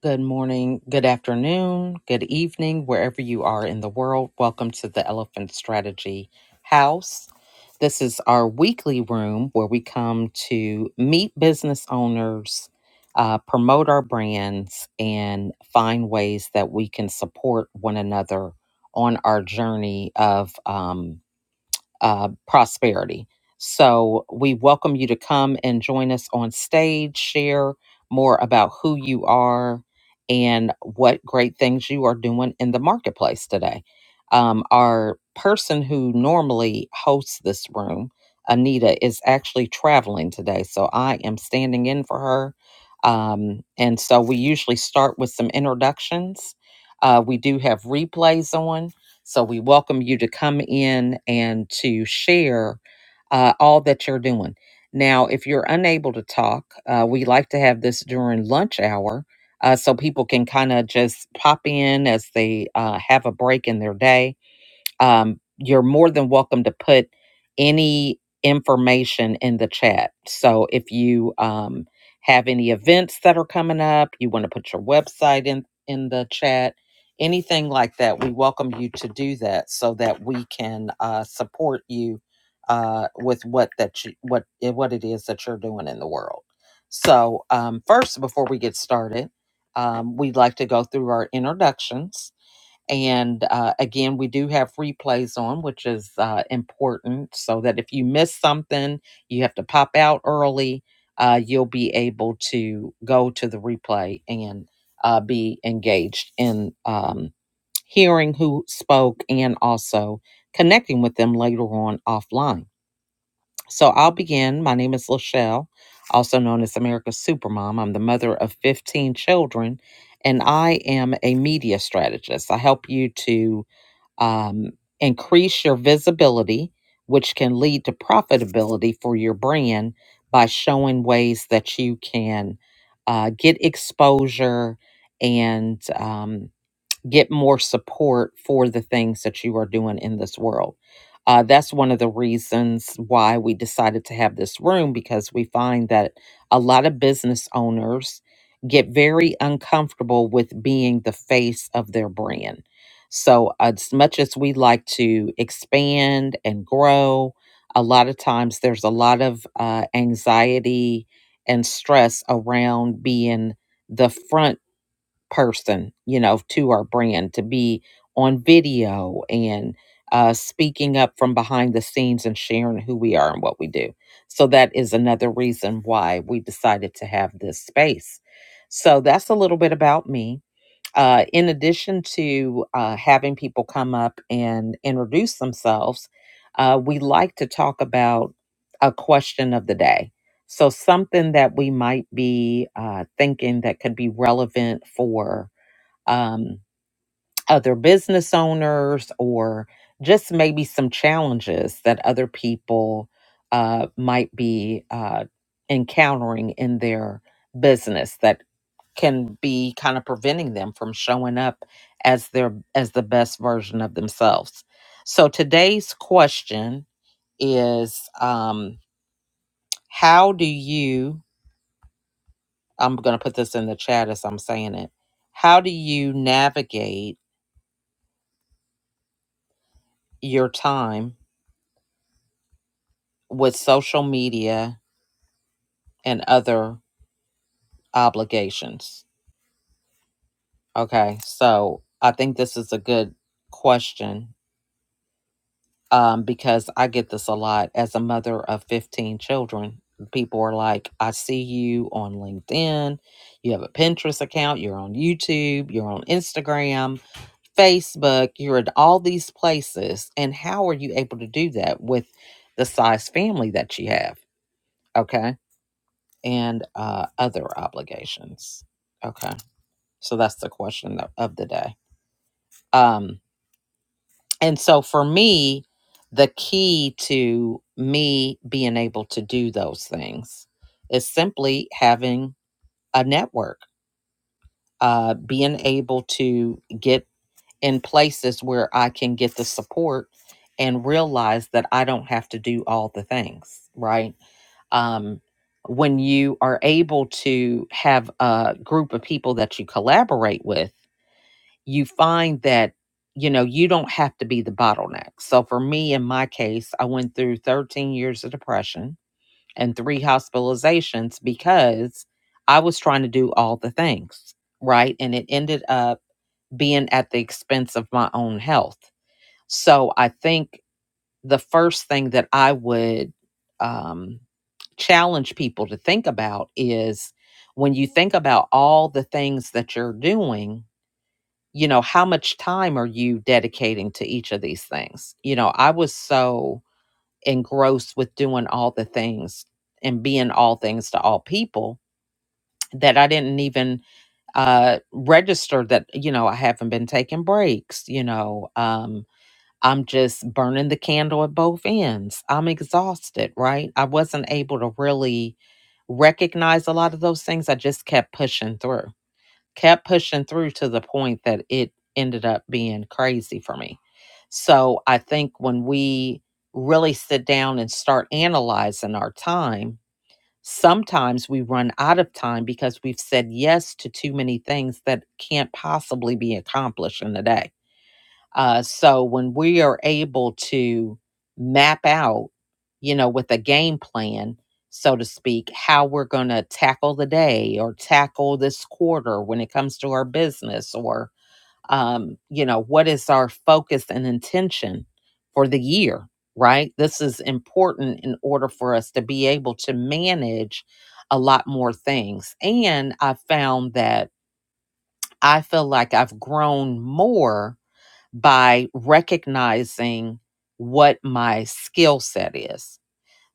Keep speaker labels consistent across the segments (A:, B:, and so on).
A: Good morning, good afternoon, good evening, wherever you are in the world. Welcome to the Elephant Strategy House. This is our weekly room where we come to meet business owners, uh, promote our brands, and find ways that we can support one another on our journey of um, uh, prosperity. So we welcome you to come and join us on stage, share more about who you are and what great things you are doing in the marketplace today. Um, our person who normally hosts this room, Anita, is actually traveling today. So I am standing in for her. Um, and so we usually start with some introductions. Uh, we do have replays on. So we welcome you to come in and to share uh, all that you're doing. Now, if you're unable to talk, uh, we like to have this during lunch hour uh, so people can kind of just pop in as they uh, have a break in their day um, you're more than welcome to put any information in the chat. So if you um, have any events that are coming up, you want to put your website in in the chat, anything like that, we welcome you to do that so that we can uh, support you uh, with what that you, what eh, what it is that you're doing in the world. So um, first, before we get started, um, we'd like to go through our introductions and uh, again, we do have replays on, which is uh, important so that if you miss something, you have to pop out early, uh, you'll be able to go to the replay and uh, be engaged in um, hearing who spoke and also connecting with them later on offline. So I'll begin. My name is Lachelle, also known as America's Supermom. I'm the mother of 15 children, and I am a media strategist. I help you to um, increase your visibility, which can lead to profitability for your brand by showing ways that you can uh, get exposure and um, get more support for the things that you are doing in this world. Uh, that's one of the reasons why we decided to have this room because we find that a lot of business owners get very uncomfortable with being the face of their brand. So, as much as we like to expand and grow, a lot of times there's a lot of uh, anxiety and stress around being the front person, you know, to our brand, to be on video and uh, speaking up from behind the scenes and sharing who we are and what we do. So that is another reason why we decided to have this space. So that's a little bit about me. Uh, in addition to uh, having people come up and introduce themselves, uh, we like to talk about a question of the day. So, something that we might be uh, thinking that could be relevant for um, other business owners or just maybe some challenges that other people uh, might be uh, encountering in their business that can be kind of preventing them from showing up as their as the best version of themselves. So today's question is um how do you I'm going to put this in the chat as I'm saying it. How do you navigate your time with social media and other obligations? Okay. So I think this is a good question um, because I get this a lot as a mother of 15 children. People are like, I see you on LinkedIn, you have a Pinterest account, you're on YouTube, you're on Instagram, Facebook, you're in all these places. And how are you able to do that with the size family that you have? Okay. And uh, other obligations. Okay. So that's the question of of the day. Um, And so for me, the key to me being able to do those things is simply having a network, uh, being able to get in places where I can get the support and realize that I don't have to do all the things, right? Um, when you are able to have a group of people that you collaborate with, you find that you know you don't have to be the bottleneck so for me in my case i went through 13 years of depression and three hospitalizations because i was trying to do all the things right and it ended up being at the expense of my own health so i think the first thing that i would um, challenge people to think about is when you think about all the things that you're doing you know how much time are you dedicating to each of these things you know i was so engrossed with doing all the things and being all things to all people that i didn't even uh register that you know i haven't been taking breaks you know um i'm just burning the candle at both ends i'm exhausted right i wasn't able to really recognize a lot of those things i just kept pushing through kept pushing through to the point that it ended up being crazy for me. So I think when we really sit down and start analyzing our time, sometimes we run out of time because we've said yes to too many things that can't possibly be accomplished in a day uh, so when we are able to map out, you know, with a game plan, so to speak, how we're going to tackle the day or tackle this quarter when it comes to our business or, um, you know, what is our focus and intention for the year, right? This is important in order for us to be able to manage a lot more things. And I found that I feel like I've grown more by recognizing what my skill set is.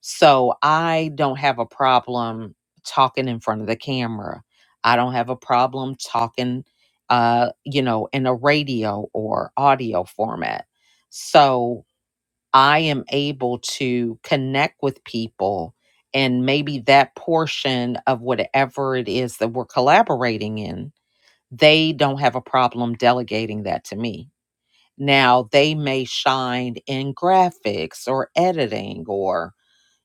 A: So I don't have a problem talking in front of the camera. I don't have a problem talking, uh, you know, in a radio or audio format. So I am able to connect with people and maybe that portion of whatever it is that we're collaborating in, they don't have a problem delegating that to me now they may shine in graphics or editing or,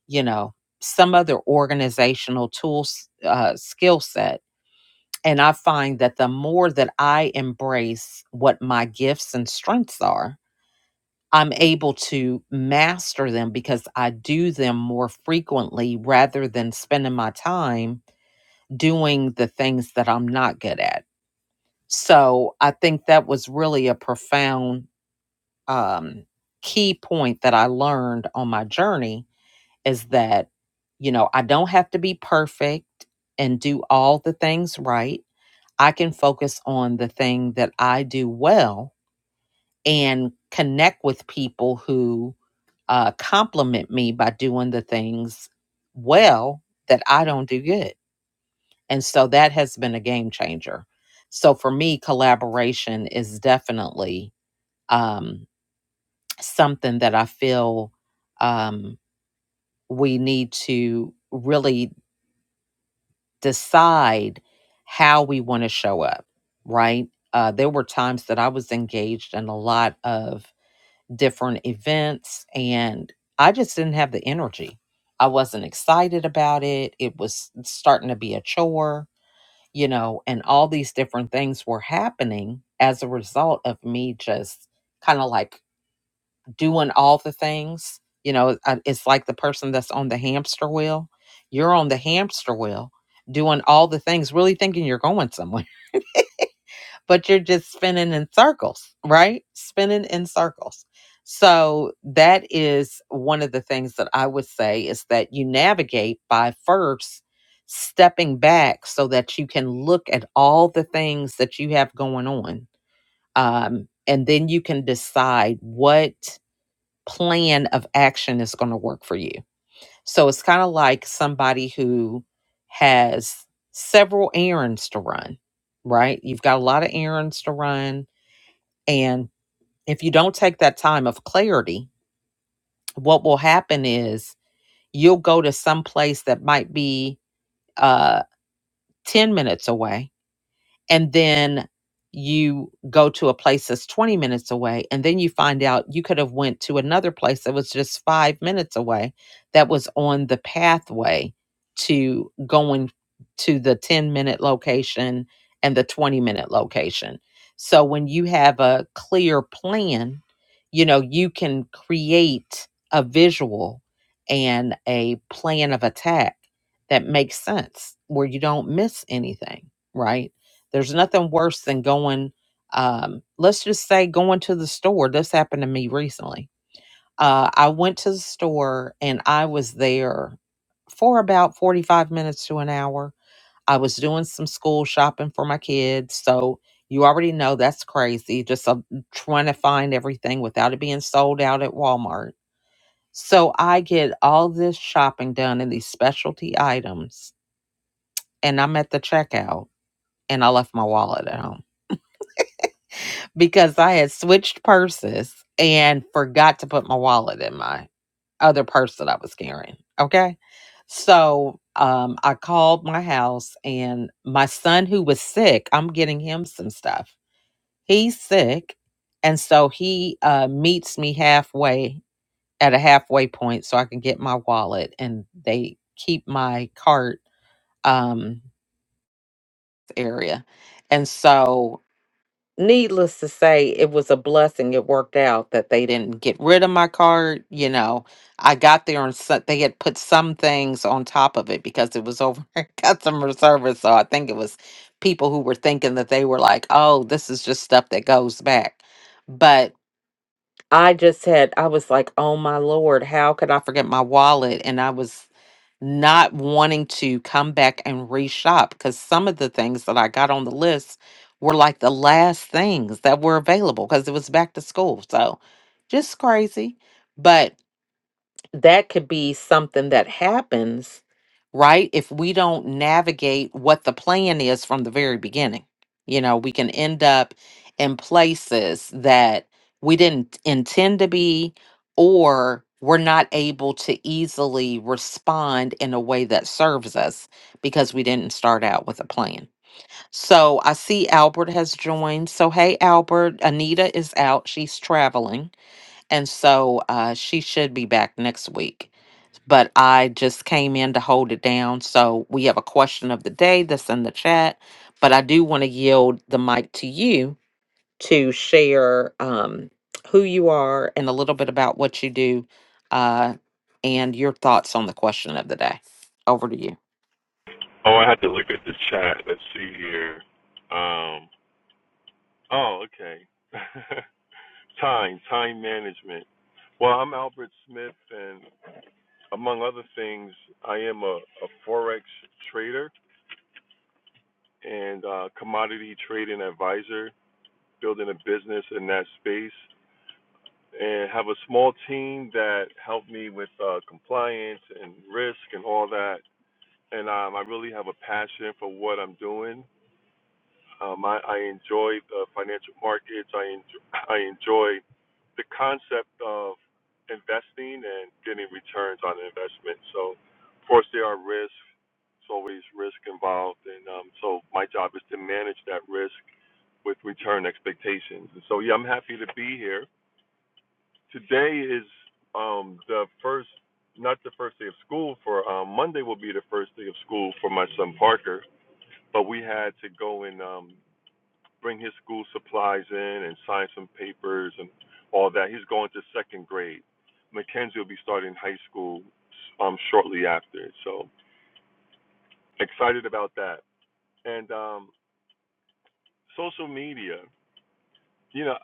A: you know, some other organizational tools uh, skill set. And I find that the more that I embrace what my gifts and strengths are, I'm able to master them because I do them more frequently rather than spending my time doing the things that I'm not good at. So I think that was really a profound um, key point that I learned on my journey is that, you know, I don't have to be perfect and do all the things right. I can focus on the thing that I do well and connect with people who uh, compliment me by doing the things well that I don't do good. And so that has been a game changer. So for me, collaboration is definitely um. something that I feel um, we need to really decide how we want to show up, right? Uh, there were times that I was engaged in a lot of different events and I just didn't have the energy. I wasn't excited about it. It was starting to be a chore, you know, and all these different things were happening as a result of me just kind of like doing all the things. You know, uh, it's like the person that's on the hamster wheel. You're on the hamster wheel doing all the things, really thinking you're going somewhere, but you're just spinning in circles, right? Spinning in circles. So that is one of the things that I would say is that you navigate by first stepping back so that you can look at all the things that you have going on. Um, and then you can decide what plan of action is going to work for you. So it's kind of like somebody who has several errands to run, right? You've got a lot of errands to run. And if you don't take that time of clarity, what will happen is you'll go to some place that might be uh, 10 minutes away and then you go to a place that's 20 minutes away and then you find out you could have went to another place that was just 5 minutes away that was on the pathway to going to the 10 minute location and the 20 minute location. So when you have a clear plan, you know, you can create a visual and a plan of attack that makes sense where you don't miss anything, right? There's nothing worse than going, um, let's just say going to the store. This happened to me recently. Uh, I went to the store and I was there for about 45 minutes to an hour. I was doing some school shopping for my kids. So you already know that's crazy, just uh, trying to find everything without it being sold out at Walmart. So I get all this shopping done in these specialty items and I'm at the checkout and I left my wallet at home. because I had switched purses and forgot to put my wallet in my other purse that I was carrying. Okay. So um, I called my house and my son, who was sick, I'm getting him some stuff. He's sick. And so he uh, meets me halfway at a halfway point so I can get my wallet and they keep my cart um, area. And so needless to say, it was a blessing. It worked out that they didn't get rid of my card. You know, I got there and so, they had put some things on top of it because it was over at customer service. So I think it was people who were thinking that they were like, oh, this is just stuff that goes back. But I just had, I was like, oh my Lord, how could I forget my wallet? And I was not wanting to come back and reshop because some of the things that I got on the list were like the last things that were available because it was back to school. So just crazy. But that could be something that happens right? If we don't navigate what the plan is from the very beginning, you know, we can end up in places that we didn't intend to be, or we're not able to easily respond in a way that serves us because we didn't start out with a plan. So I see Albert has joined. So, hey, Albert, Anita is out. She's traveling. And so uh, she should be back next week but I just came in to hold it down. So we have a question of the day that's in the chat, but I do want to yield the mic to you to share um, who you are and a little bit about what you do uh, and your thoughts on the question of the day. Over to you.
B: Oh, I had to look at the chat. Let's see here. Um, oh, okay. time, time management. Well, I'm Albert Smith, and among other things, I am a, a forex trader and uh commodity trading advisor, building a business in that space, and have a small team that help me with uh, compliance and risk and all that. And um, I really have a passion for what I'm doing Um, I, I enjoy the financial markets. I enjoy, I enjoy the concept of investing and getting returns on investment. So, of course, there are risks. It's always risk involved, and um, so my job is to manage that risk with return expectations. And so, yeah, I'm happy to be here. Today is um, the first, not the first day of school for um, Monday will be the first day of school for my son Parker. But we had to go and um, bring his school supplies in and sign some papers and all that. He's going to second grade. Mackenzie will be starting high school um, shortly after. So excited about that. And um, social media, you know,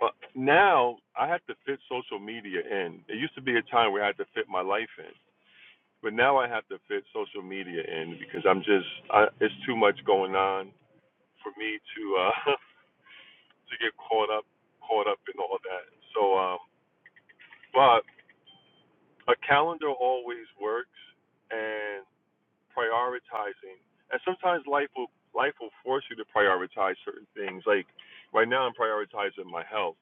B: uh, now I have to fit social media in. It used to be a time where I had to fit my life in, but now I have to fit social media in because I'm just I, it's too much going on for me to uh, to get caught up caught up in all that. So, um, but a calendar always works and prioritizing and sometimes life will life will force you to prioritize certain things like right now i'm prioritizing my health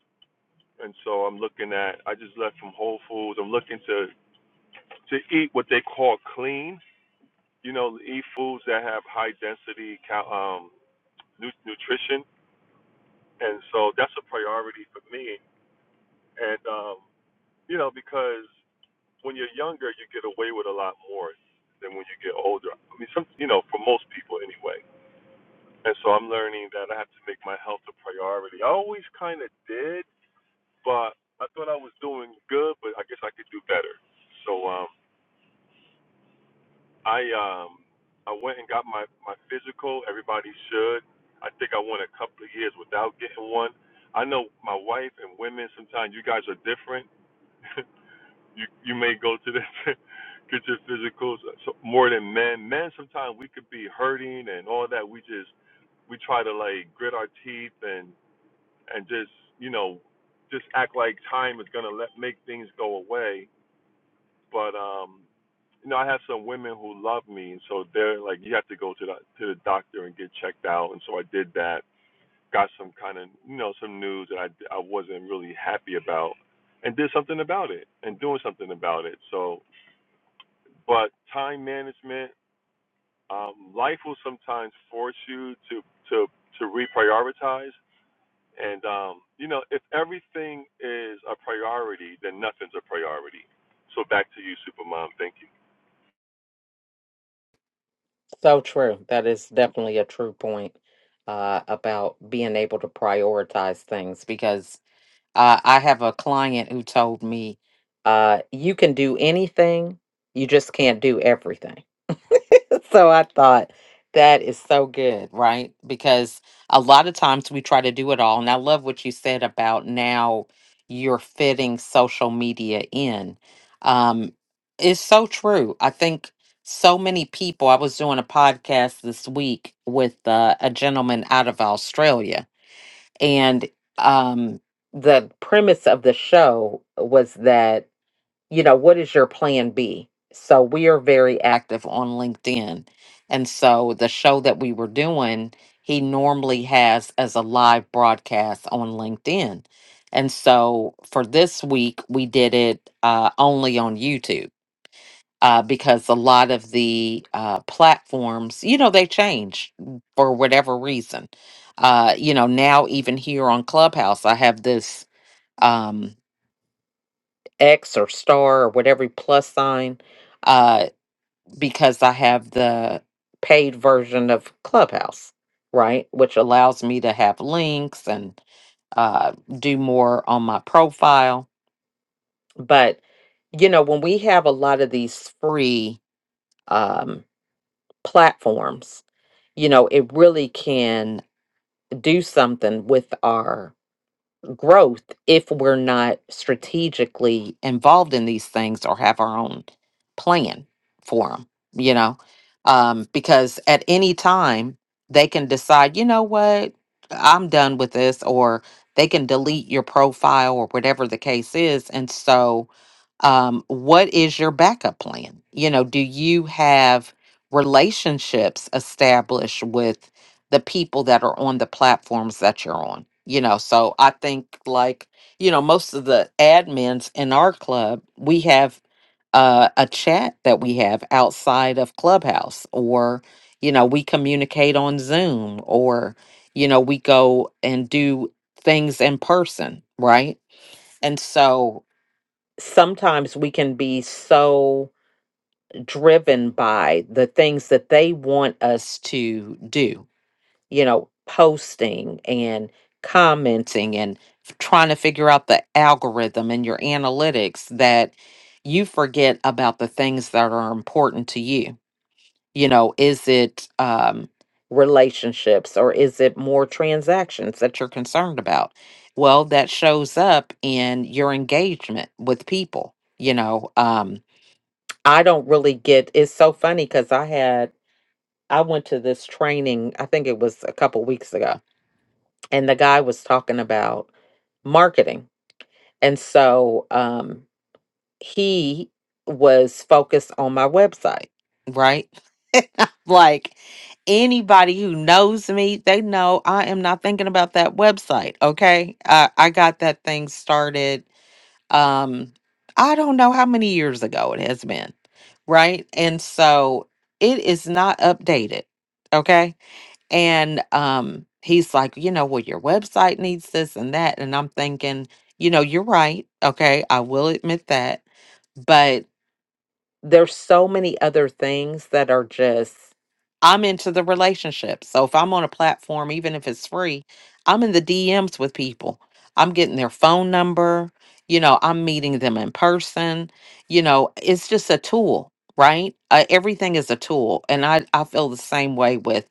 B: and so i'm looking at i just left from whole foods i'm looking to to eat what they call clean you know eat foods that have high density cal- um nu- nutrition and so that's a priority for me and um you know because when you're younger, you get away with a lot more than when you get older. I mean, some you know, for most people anyway. And so I'm learning that I have to make my health a priority. I always kind of did, but I thought I was doing good, but I guess I could do better. So um, I um, I went and got my my physical. Everybody should. I think I went a couple of years without getting one. I know my wife and women. Sometimes you guys are different. you you may go to the get your physicals uh, so, more than men. Men sometimes we could be hurting and all that. We just we try to like grit our teeth and and just you know just act like time is gonna let make things go away. But um, you know I have some women who love me, and so they're like you have to go to the to the doctor and get checked out. And so I did that. Got some kind of you know some news that I I wasn't really happy about, and did something about it and doing something about it. So but time management, um, life will sometimes force you to to to reprioritize. And um, you know, if everything is a priority, then nothing's a priority. So back to you, Supermom. Thank you.
A: So true. That is definitely a true point uh, about being able to prioritize things because. Uh, I have a client who told me, uh, you can do anything, you just can't do everything. so I thought that is so good, right? Because a lot of times we try to do it all. And I love what you said about now you're fitting social media in. Um, it's so true. I think so many people, I was doing a podcast this week with uh, a gentleman out of Australia and um the premise of the show was that you know what is your plan b so we are very active on linkedin and so the show that we were doing he normally has as a live broadcast on linkedin and so for this week we did it uh, only on youtube uh, because a lot of the uh, platforms, you know, they change for whatever reason. Uh, you know, now even here on Clubhouse, I have this um, X or star or whatever plus sign uh, because I have the paid version of Clubhouse, right? Which allows me to have links and uh, do more on my profile. But, you know, when we have a lot of these free. Um, platforms you know it really can do something with our growth if we're not strategically involved in these things or have our own plan for them, you know? Um, because at any time, they can decide, you know what, I'm done with this, or they can delete your profile or whatever the case is. And so, um, what is your backup plan? You know, do you have relationships established with? the people that are on the platforms that you're on. You know, so I think like, you know, most of the admins in our club, we have uh, a chat that we have outside of Clubhouse or, you know, we communicate on Zoom or, you know, we go and do things in person, right? And so sometimes we can be so driven by the things that they want us to do you know, posting and commenting and f- trying to figure out the algorithm and your analytics that you forget about the things that are important to you. You know, is it um, relationships or is it more transactions that you're concerned about? Well, that shows up in your engagement with people. You know, um, I don't really get it's so funny because I had, I went to this training, I think it was a couple weeks ago and the guy was talking about marketing. And so um, he was focused on my website. Right. like anybody who knows me, they know I am not thinking about that website. Okay. I, I got that thing started. Um, I don't know how many years ago it has been. Right. And so it is not updated. Okay and um, he's like, you know, well, your website needs this and that. And I'm thinking, you know, you're right. Okay. I will admit that there's so many other things that are just I'm into the relationship. So if I'm on a platform, even if it's free, I'm in the DMs with people. I'm getting their phone number, you know, I'm meeting them in person. You know, it's just a tool, right? Uh, everything is a tool. And I, I feel the same way with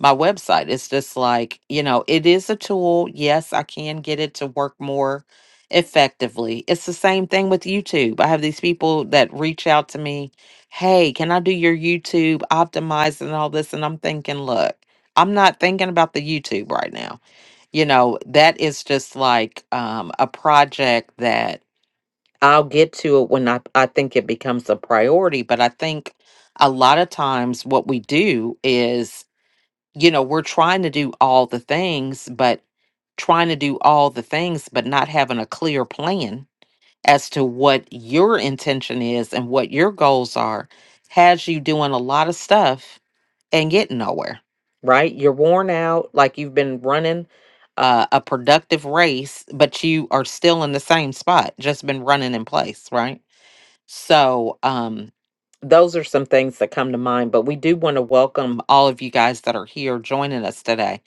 A: my website. It's just like, you know, it is a tool. Yes, I can get it to work more effectively. It's the same thing with YouTube. I have these people that reach out to me, hey, can I do your YouTube optimized and all this? And I'm thinking, look, I'm not thinking about the YouTube right now. You know, that is just like um, a project that I'll get to it when I, I think it becomes a priority. But I think a lot of times what we do is, you know, we're trying to do all the things, but trying to do all the things, but not having a clear plan as to what your intention is and what your goals are has you doing a lot of stuff and getting nowhere, right? You're worn out, like you've been running uh, a productive race, but you are still in the same spot, just been running in place, right? So, um, those are some things that come to mind, but we do want to welcome all of you guys that are here joining us today.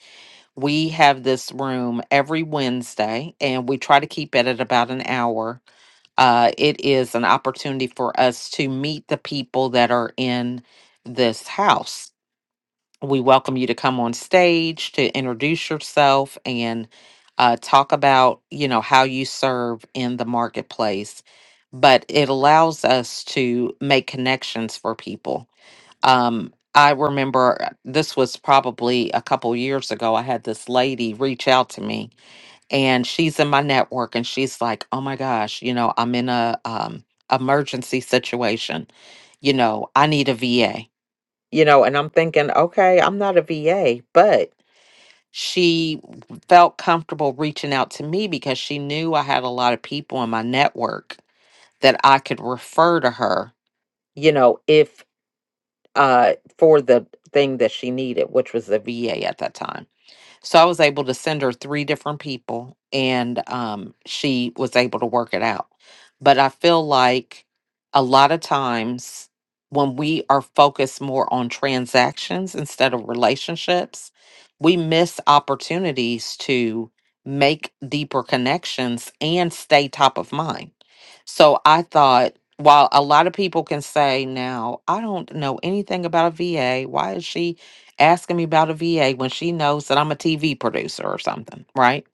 A: We have this room every Wednesday and we try to keep it at about an hour uh, it is an opportunity for us to meet the people that are in this house. We welcome you to come on stage to introduce yourself and uh, talk about, you know, how you serve in the marketplace. But it allows us to make connections for people. Um, I remember uh, this was probably a couple years ago. I had this lady reach out to me and she's in my network and she's like oh my gosh you know i'm in a um emergency situation you know i need a va you know and i'm thinking okay i'm not a va but she felt comfortable reaching out to me because she knew i had a lot of people in my network that i could refer to her you know if uh for the thing that she needed which was a va at that time so I was able to send her three different people and um, she was able to work it out. But I feel like a lot of times when we are focused more on transactions instead of relationships, we miss opportunities to make deeper connections and stay top of mind. So I thought, while a lot of people can say now, I don't know anything about a VA, why is she? asking me about a VA when she knows that I'm a TV producer or something, right?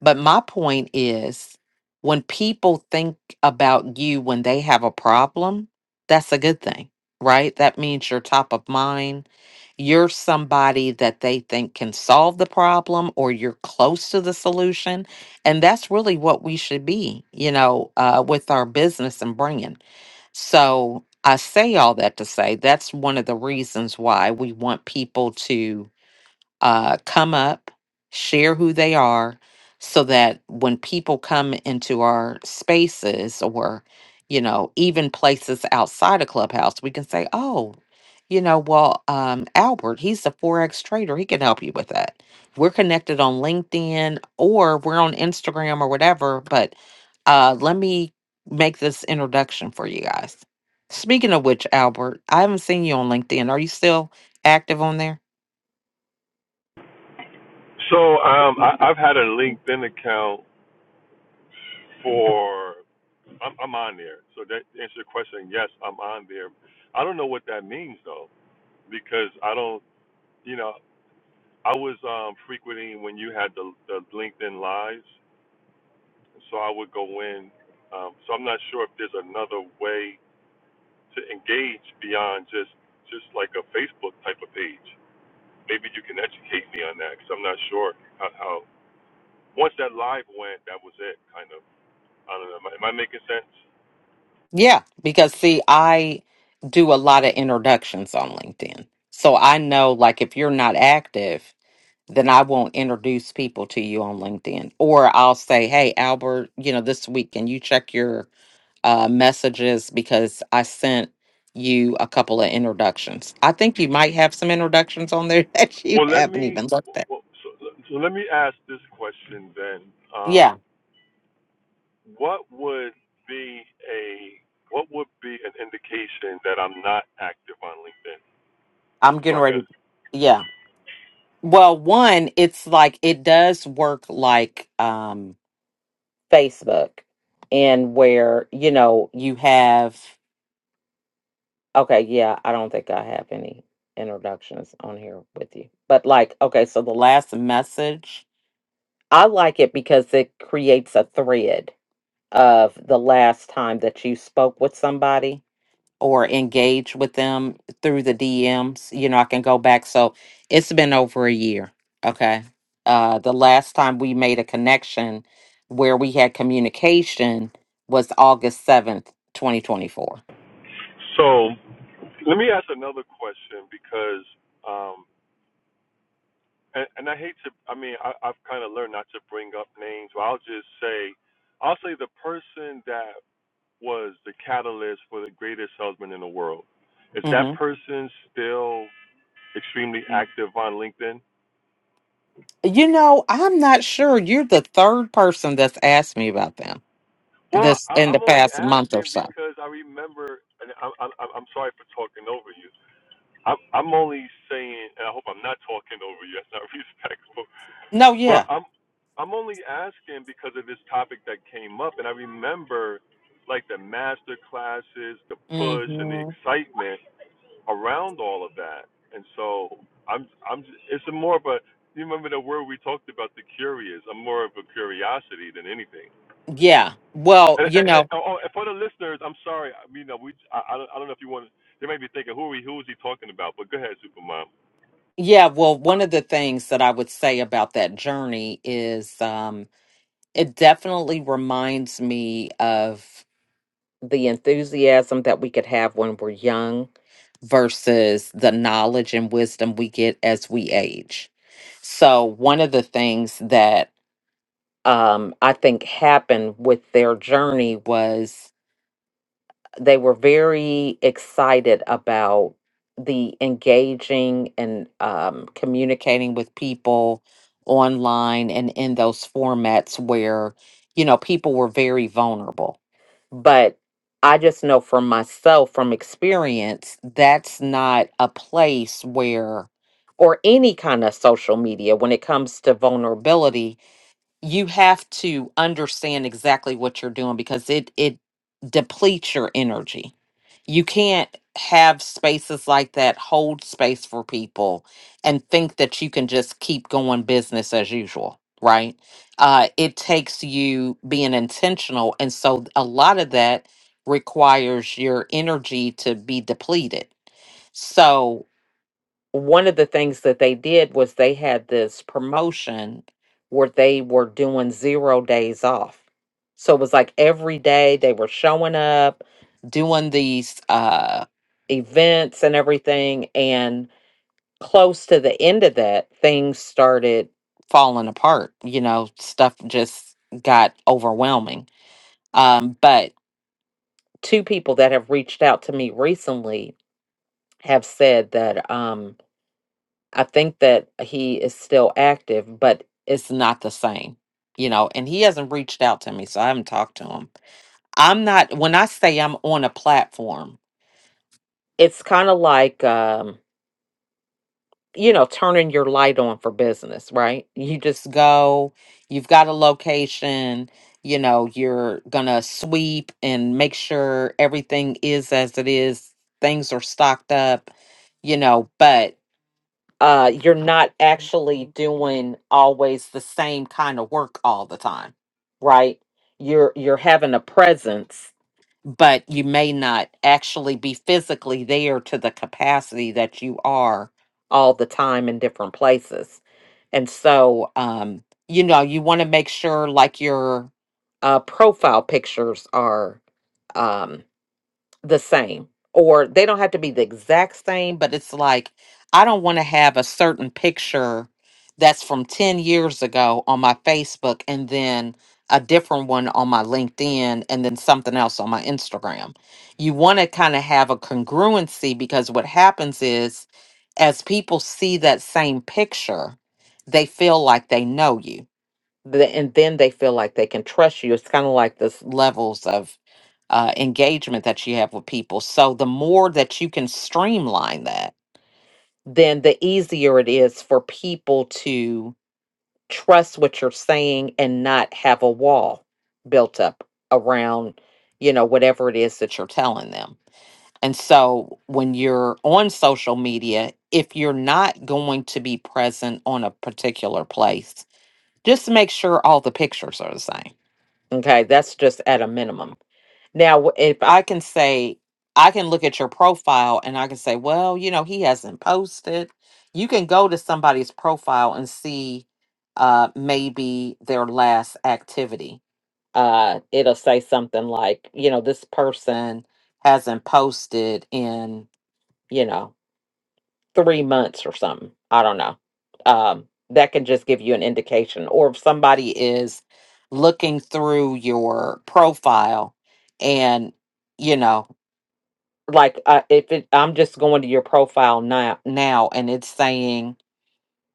A: But my point is when people think about you when they have a problem, that's a good thing, right? That means you're top of mind. You're somebody that they think can solve the problem or you're close to the solution. And that's really what we should be, you know, uh, with our business and bringing. So I say all that to say that's one of the reasons why we want people to uh, come up, share who they are, so that when people come into our spaces or, you know, even places outside of Clubhouse, we can say, oh, you know, well, um, Albert, he's a Forex trader. He can help you with that. We're connected on LinkedIn or we're on Instagram or whatever, but uh, let me make this introduction for you guys. Speaking of which, Albert, I haven't seen you on LinkedIn. Are you still active on there?
B: So um, I, I've had a LinkedIn account for I'm, I'm on there. So that answers your question. Yes, I'm on there. I don't know what that means though, because I don't. You know, I was um, frequenting when you had the, the LinkedIn lives. So I would go in. Um, so I'm not sure if there's another way to engage beyond just just like a Facebook type of page. Maybe you can educate me on that because I'm not sure how, how. Once that live went, that was it. Kind of. I don't know. Am I, am I making sense?
A: Yeah, because see, I do a lot of introductions on LinkedIn. So I know, like, if you're not active, then I won't introduce people to you on LinkedIn. Or I'll say, hey, Albert, you know, this week, can you check your uh, messages because I sent you a couple of introductions. I think you might have some introductions on there that you
B: Well, let
A: haven't
B: me.
A: even looked
B: Well,
A: at.
B: well, so, so let me ask this question then.
A: Yeah,
B: Um, what would be a what would be an indication that I'm not active on LinkedIn?
A: I'm
B: So
A: getting
B: I can.
A: ready. Yeah. Well, one, it's like it does work like um Facebook and where, you know, you have okay, yeah, I don't think I have any introductions on here with you. But like, okay, so the last message, I like it because it creates a thread of the last time that you spoke with somebody or engaged with them through the DMs. You know, I can go back. So it's been over a year. Okay. Uh, the last time we made a connection where we had communication was August 7th, 2024.
B: So Let me ask another question because, um, and, and I hate to, I mean, I, I've kind of learned not to bring up names, but I'll just say, I'll say the person that was the catalyst for the greatest husband in the world. Is
A: hmm
B: that person still extremely active on LinkedIn?
A: You know, I'm not sure. You're the third person that's asked me about them
B: Well,
A: this
B: I,
A: in the
B: I'm only
A: past month or
B: asking
A: so.
B: because I remember, and I, I, I'm I'm sorry for talking over you. I'm, I'm only saying, and I hope I'm not talking over you. That's not respectful.
A: No,
B: But
A: yeah.
B: I'm I'm only asking because of this topic that came up, and I remember like the master classes, the push, and the
A: hmm
B: excitement around all of that. And so I'm I'm it's more of a you remember the word we talked about the curious. I'm more of a curiosity than anything.
A: Yeah. Well,
B: And,
A: you
B: and, and,
A: know,
B: oh, and for the listeners, I'm sorry. I mean, uh, we I, I don't I don't know if you want. They might be thinking, who are we? Who is he talking about? But go ahead, Supermom.
A: Yeah, well, one of the things that I would say about that journey is um, it definitely reminds me of the enthusiasm that we could have when we're young versus the knowledge and wisdom we get as we age. So, one of the things that um, I think happened with their journey was they were very excited about the engaging and um, communicating with people online and in those formats where you know people were very vulnerable but i just know from myself from experience that's not a place where or any kind of social media when it comes to vulnerability you have to understand exactly what you're doing because it it depletes your energy. You can't have spaces like that hold space for people and think that you can just keep going business as usual, right? Uh, it takes you being intentional, and so a lot of that requires your energy to be depleted. So one of the things that they did was they had this promotion where they were doing zero days off. So it was like every day they were showing up, doing these uh, events and everything. And close to the end of that, things started falling apart. You know, stuff just got overwhelming. Um, but two people that have reached out to me recently have said that. Um, I think that he is still active, but it's not the same, you know, and he hasn't reached out to me, so I haven't talked to him. I'm not, when I say I'm on a platform, it's kind of like, um, you know, turning your light on for business, right? You just go, you've got a location, you know, you're going to sweep and make sure everything is as it is, things are stocked up, you know, but uh you're not actually doing always the same kind of work all the time right you're you're having a presence but you may not actually be physically there to the capacity that you are all the time in different places and so um you know you want to make sure like your uh profile pictures are um the same or they don't have to be the exact same but it's like i don't want to have a certain picture that's from 10 years ago on my facebook and then a different one on my linkedin and then something else on my instagram you want to kind of have a congruency because what happens is as people see that same picture they feel like they know you the, and then they feel like they can trust you. It's kind of like this levels of uh, engagement that you have with people. So the more that you can streamline that, then the easier it is for people to trust what you're saying and not have a wall built up around, you know, whatever it is that you're telling them. And so when you're on social media, if you're not going to be present on a particular place, just make sure all the pictures are the same Okay, that's just at a minimum. Now, wh- if I can say, I can look at your profile and I can say, well, you know, he hasn't posted. You can go to somebody's profile and see uh, maybe their last activity. Uh, it'll say something like, you know, this person hasn't posted in, you know three months or something. I don't know. Um, that can just give you an indication. Or if somebody is looking through your profile and, you know, like uh, if it, I'm just going to your profile now, now and it's saying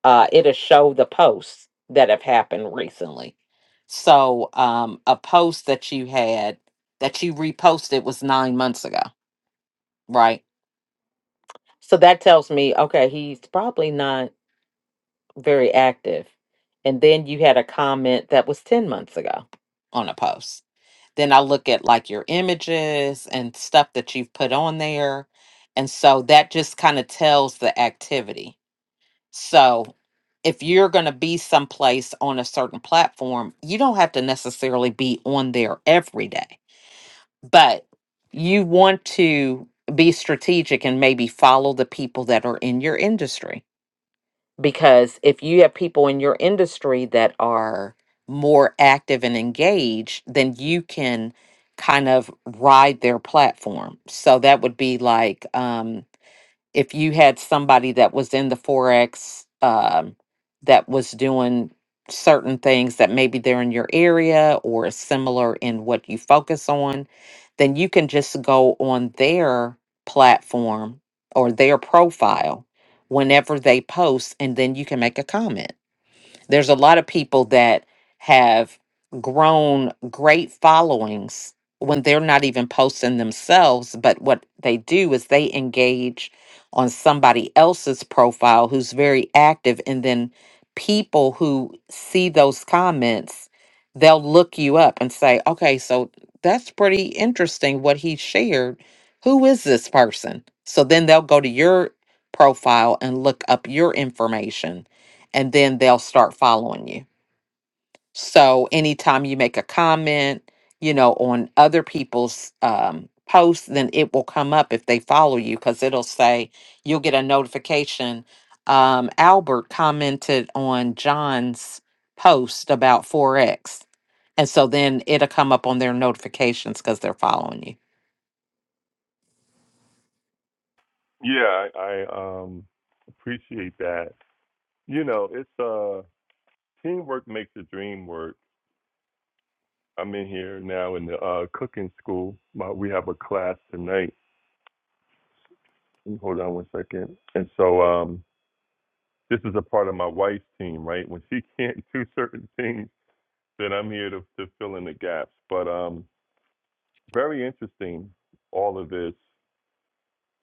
A: uh, it'll show the posts that have happened recently. So um, a post that you had that you reposted was nine months ago, right? So that tells me, okay, he's probably not very active. And then you had a comment that was 10 months ago on a post. Then I look at like your images and stuff that you've put on there. And so that just kind of tells the activity. So if you're going to be someplace on a certain platform, you don't have to necessarily be on there every day, but you want to be strategic and maybe follow the people that are in your industry because if you have people in your industry that are more active and engaged, then you can kind of ride their platform. So that would be like, um, if you had somebody that was in the forex um, that was doing certain things that maybe they're in your area or is similar in what you focus on then you can just go on their platform or their profile whenever they post and then you can make a comment there's a lot of people that have grown great followings when they're not even posting themselves, but what they do is they engage on somebody else's profile who's very active and then people who see those comments, they'll look you up and say, "Okay, so that's pretty interesting what he shared. Who is this person?" So then they'll go to your profile and look up your information and then they'll start following you. So anytime you make a comment, you know, on other people's um, posts, then it will come up if they follow you because it'll say you'll get a notification. Um, Albert commented on John's post about 4x, and so then it'll come up on their notifications because they're following you.
B: Yeah, I, I um appreciate that. You know, it's uh, Teamwork makes the dream work. I'm in here now in the uh, cooking school. My, we have a class tonight. Hold on one second. And so um, this is a part of my wife's team, right? When she can't do certain things, then I'm here to, to fill in the gaps. But um, very interesting, all of this.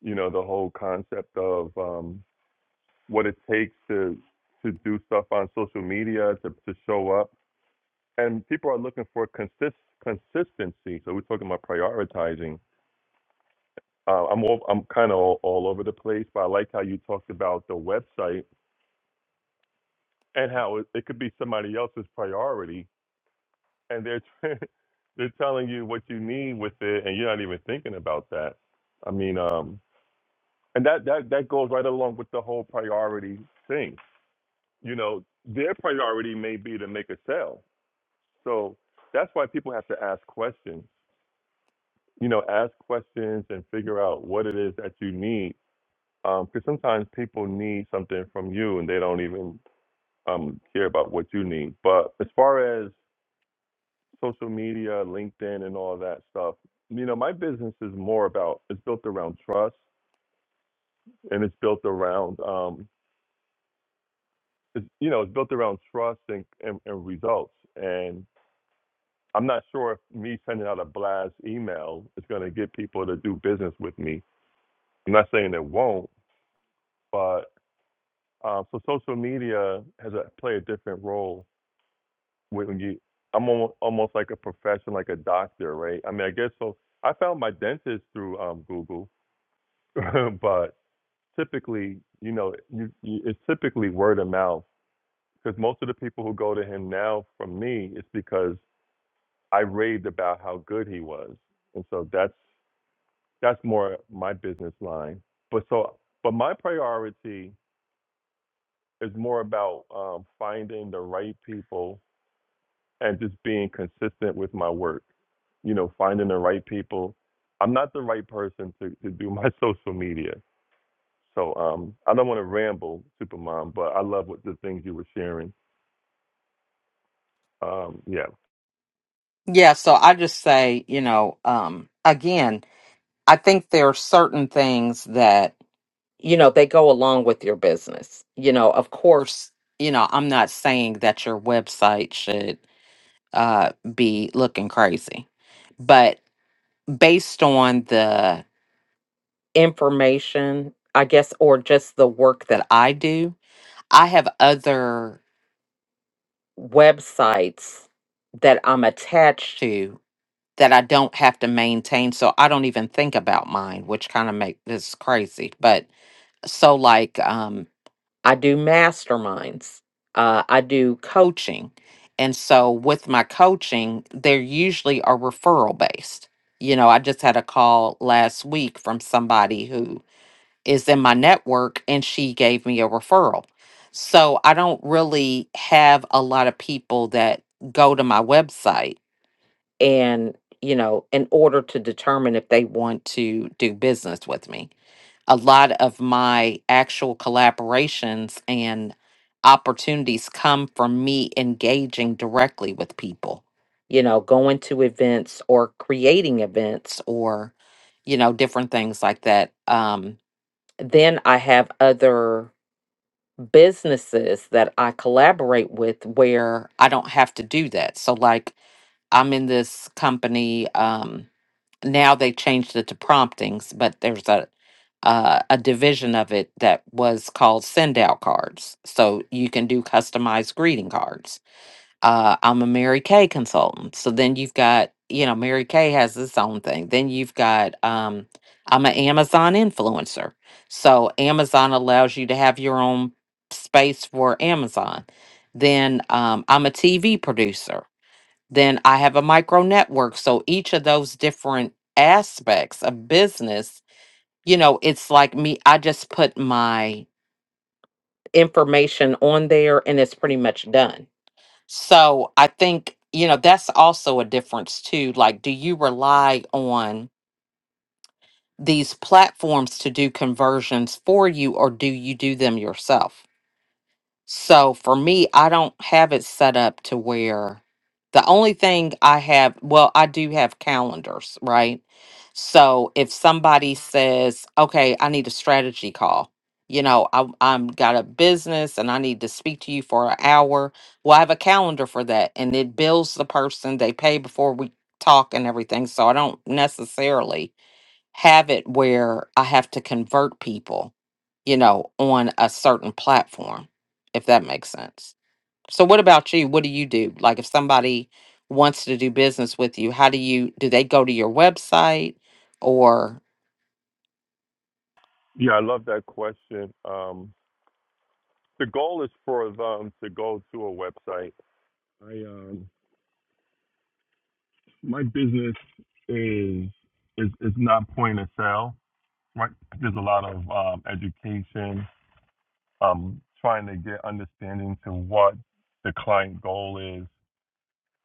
B: You know, the whole concept of um, what it takes to to do stuff on social media, to, to show up, and people are looking for consist consistency. So we're talking about prioritizing Uh, I'm all, I'm kind of all, all over the place, but I like how you talked about the website and how it, it could be somebody else's priority, and they're they're telling you what you need with it, and you're not even thinking about that. I mean, um, and that that that goes right along with the whole priority thing. You know, their priority may be to make a sale, so that's why people have to ask questions. You know, ask questions and figure out what it is that you need Um, because sometimes people need something from you and they don't even um, care about what you need. But as far as social media, LinkedIn, and all that stuff, you know, my business is more about it's built around trust and it's built around um, it's, you know it's built around trust and, and, and results. And I'm not sure if me sending out a blast email is going to get people to do business with me. I'm not saying it won't, but um, so social media has a, play a different role when you I'm almost, almost like a profession, like a doctor, right? I mean, I guess so. I found my dentist through um, Google, but typically, you know, you, you, it's typically word of mouth because most of the people who go to him now from me it's because I raved about how good he was, and so that's that's more my business line. But so, but my priority is more about um, finding the right people and just being consistent with my work you know, finding the right people. I'm not the right person to, to do my social media. So um, I don't want to ramble, Supermom, but I love what the things you were sharing. Um, yeah.
A: Yeah, so I just say, you know, um, again, I think there are certain things that, you know, they go along with your business. You know, of course, you know, I'm not saying that your website should uh, be looking crazy, but based on the information, I guess, or just the work that I do, I have other websites that I'm attached to that I don't have to maintain. So I don't even think about mine, which kind of make this crazy. But so like um I do masterminds. Uh I do coaching. And so with my coaching, they're usually are referral based. You know, I just had a call last week from somebody who is in my network and she gave me a referral. So I don't really have a lot of people that go to my website and you know in order to determine if they want to do business with me a lot of my actual collaborations and opportunities come from me engaging directly with people you know going to events or creating events or you know different things like that um then i have other businesses that i collaborate with where i don't have to do that so like I'm in this company. Um, now they changed it to promptings, but there's a uh, a division of it that was called send out cards. So you can do customized greeting cards. Uh, I'm a Mary Kay consultant. So then you've got, you know, Mary Kay has its own thing. Then you've got, um, I'm an Amazon influencer. So Amazon allows you to have your own space for Amazon. Then um, I'm a TV producer. Then I have a micro network. So each of those different aspects of business, you know, it's like me, I just put my information on there and it's pretty much done. So I think, you know, that's also a difference too. Like, do you rely on these platforms to do conversions for you or do you do them yourself? So for me, I don't have it set up to where the only thing I have, well, I do have calendars, right? So if somebody says, okay, I need a strategy call, you know, I, I'm got a business and I need to speak to you for an hour. Well, I have a calendar for that and it bills the person, they pay before we talk and everything. So I don't necessarily have it where I have to convert people, you know, on a certain platform, if that makes sense. So, what about you? What do you do? Like, if somebody wants to do business with you, how do you do they go to your website or?
B: Yeah, I love that question. Um, the goal is for them to go to a website. I um, my business is is is not point of sale, right? There's a lot of um, education, um, trying to get understanding to what the client goal is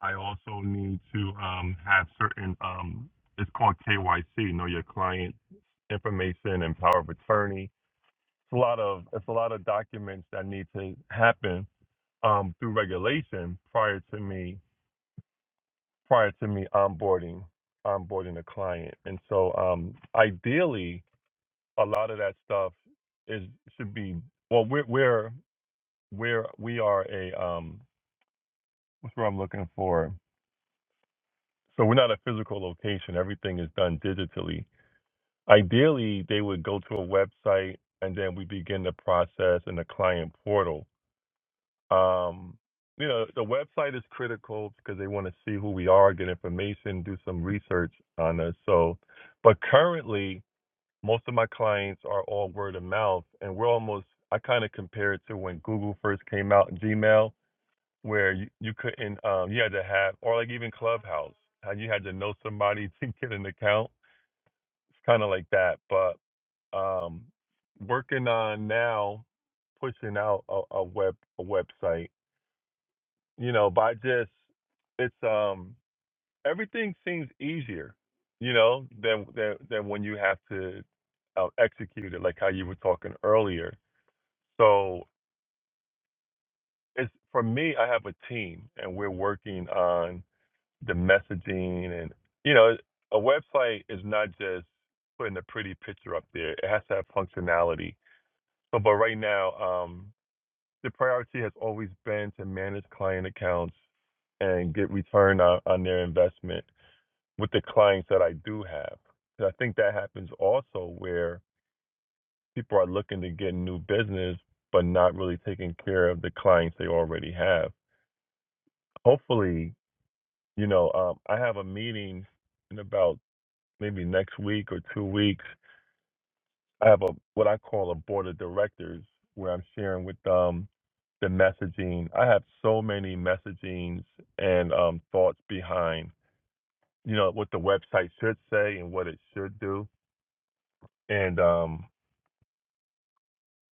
B: I also need to um, have certain, um, it's called KYC, know your client information and power of attorney. It's a lot of, it's a lot of documents that need to happen um, through regulation prior to me, prior to me onboarding, onboarding a client. And so um, ideally, a lot of that stuff is, should be, well, we're, we're, we're, we are a, um, what's what I'm looking for? So we're not a physical location. Everything is done digitally. Ideally, they would go to a website and then we begin the process in the client portal. Um, you know, the website is critical because they want to see who we are, get information, do some research on us. So, but currently, most of my clients are all word of mouth, and we're almost, I kind of compare it to when Google first came out, Gmail, where you, you couldn't, um, you had to have, or like even Clubhouse, how you had to know somebody to get an account. It's kind of like that, but um, working on now pushing out a, a web a website. You know, by just it's um everything seems easier, you know, than than than when you have to uh, execute it, like how you were talking earlier. So it's for me, I have a team, and we're working on the messaging, and you know, a website is not just putting a pretty picture up there; it has to have functionality. So, but right now, um. the priority has always been to manage client accounts and get return on, on their investment with the clients that I do have, I think that happens also where people are looking to get new business, but not really taking care of the clients they already have. Hopefully, you know, um, I have a meeting in about maybe next week or two weeks I have a what I call a board of directors where I'm sharing with them the messaging. I have so many messagings and um, thoughts behind, you know, what the website should say and what it should do. And um,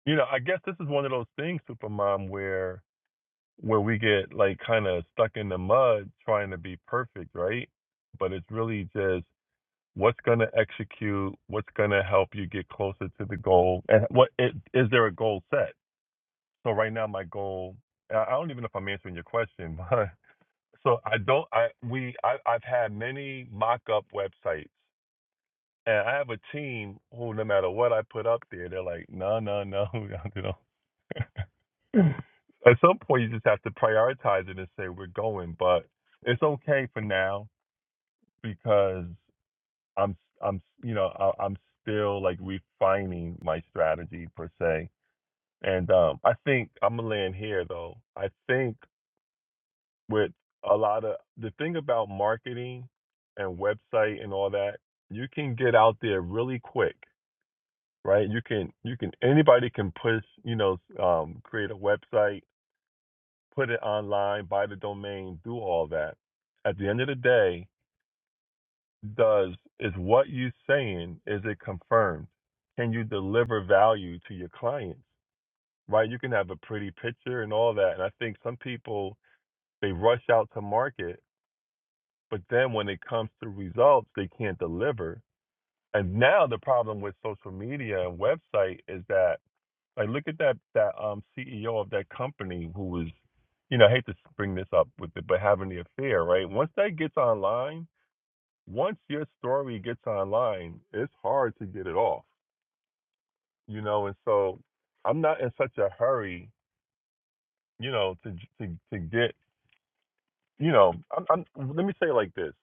B: you know, I guess this is one of those things, Supermom, where where we get like kind of stuck in the mud trying to be perfect, right? But it's really just what's going to execute, what's going to help you get closer to the goal, and what it, is there a goal set? So right now my goal, I I don't even know if I'm answering your question, but so I don't, I, we, I, I've had many mock-up websites and I have a team who no matter what I put up there, they're like, no, no, no, you know. At some point you just have to prioritize it and say we're going, but it's okay for now because I'm, I'm, you know, I, I'm still like refining my strategy per se. And um, I think I'm gonna land here though. I think with a lot of the thing about marketing and website and all that you can get out there really quick right you can you can anybody can push you know um, create a website put it online buy the domain do all that at the end of the day does is what you saying is it confirmed can you deliver value to your clients right you can have a pretty picture and all that and i think some people they rush out to market But then when it comes to results, they can't deliver. And now the problem with social media and website is that like look at that that um CEO of that company who was you know, I hate to bring this up with it, but having the affair, right? Once that gets online, once your story gets online, it's hard to get it off, you know. And so, I'm not in such a hurry, you know, to to to get, you know, I'm, I'm let me say it like this: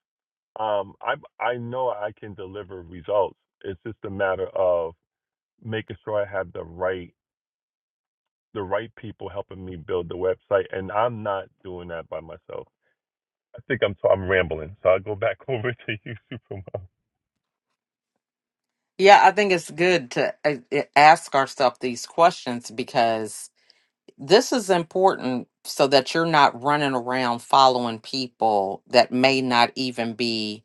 B: Um, I I know I can deliver results. It's just a matter of making sure I have the right the right people helping me build the website, and I'm not doing that by myself. I think I'm so I'm rambling, so I'll go back over to you, Supermom.
A: Yeah, I think it's good to uh, uh, ask ourselves these questions because this is important so that you're not running around following people that may not even be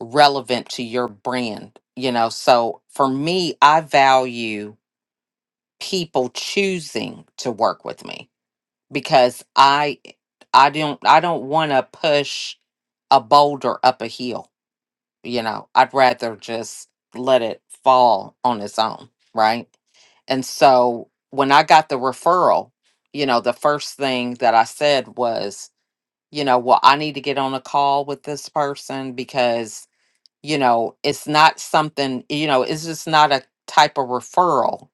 A: relevant to your brand you know so for me i value people choosing to work with me because i i don't i don't want to push a boulder up a hill you know i'd rather just let it fall on its own right and so when i got the referral you know the first thing that i said was you know well i need to get on a call with this person because you know it's not something you know it's just not a type of referral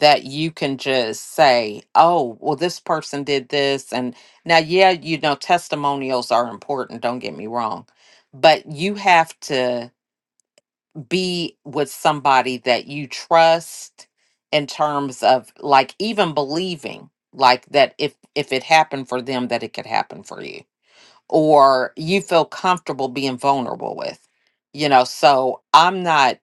A: that you can just say oh well this person did this and now yeah you know testimonials are important don't get me wrong but you have to be with somebody that you trust in terms of like even believing like that if if it happened for them that it could happen for you or you feel comfortable being vulnerable with you know so i'm not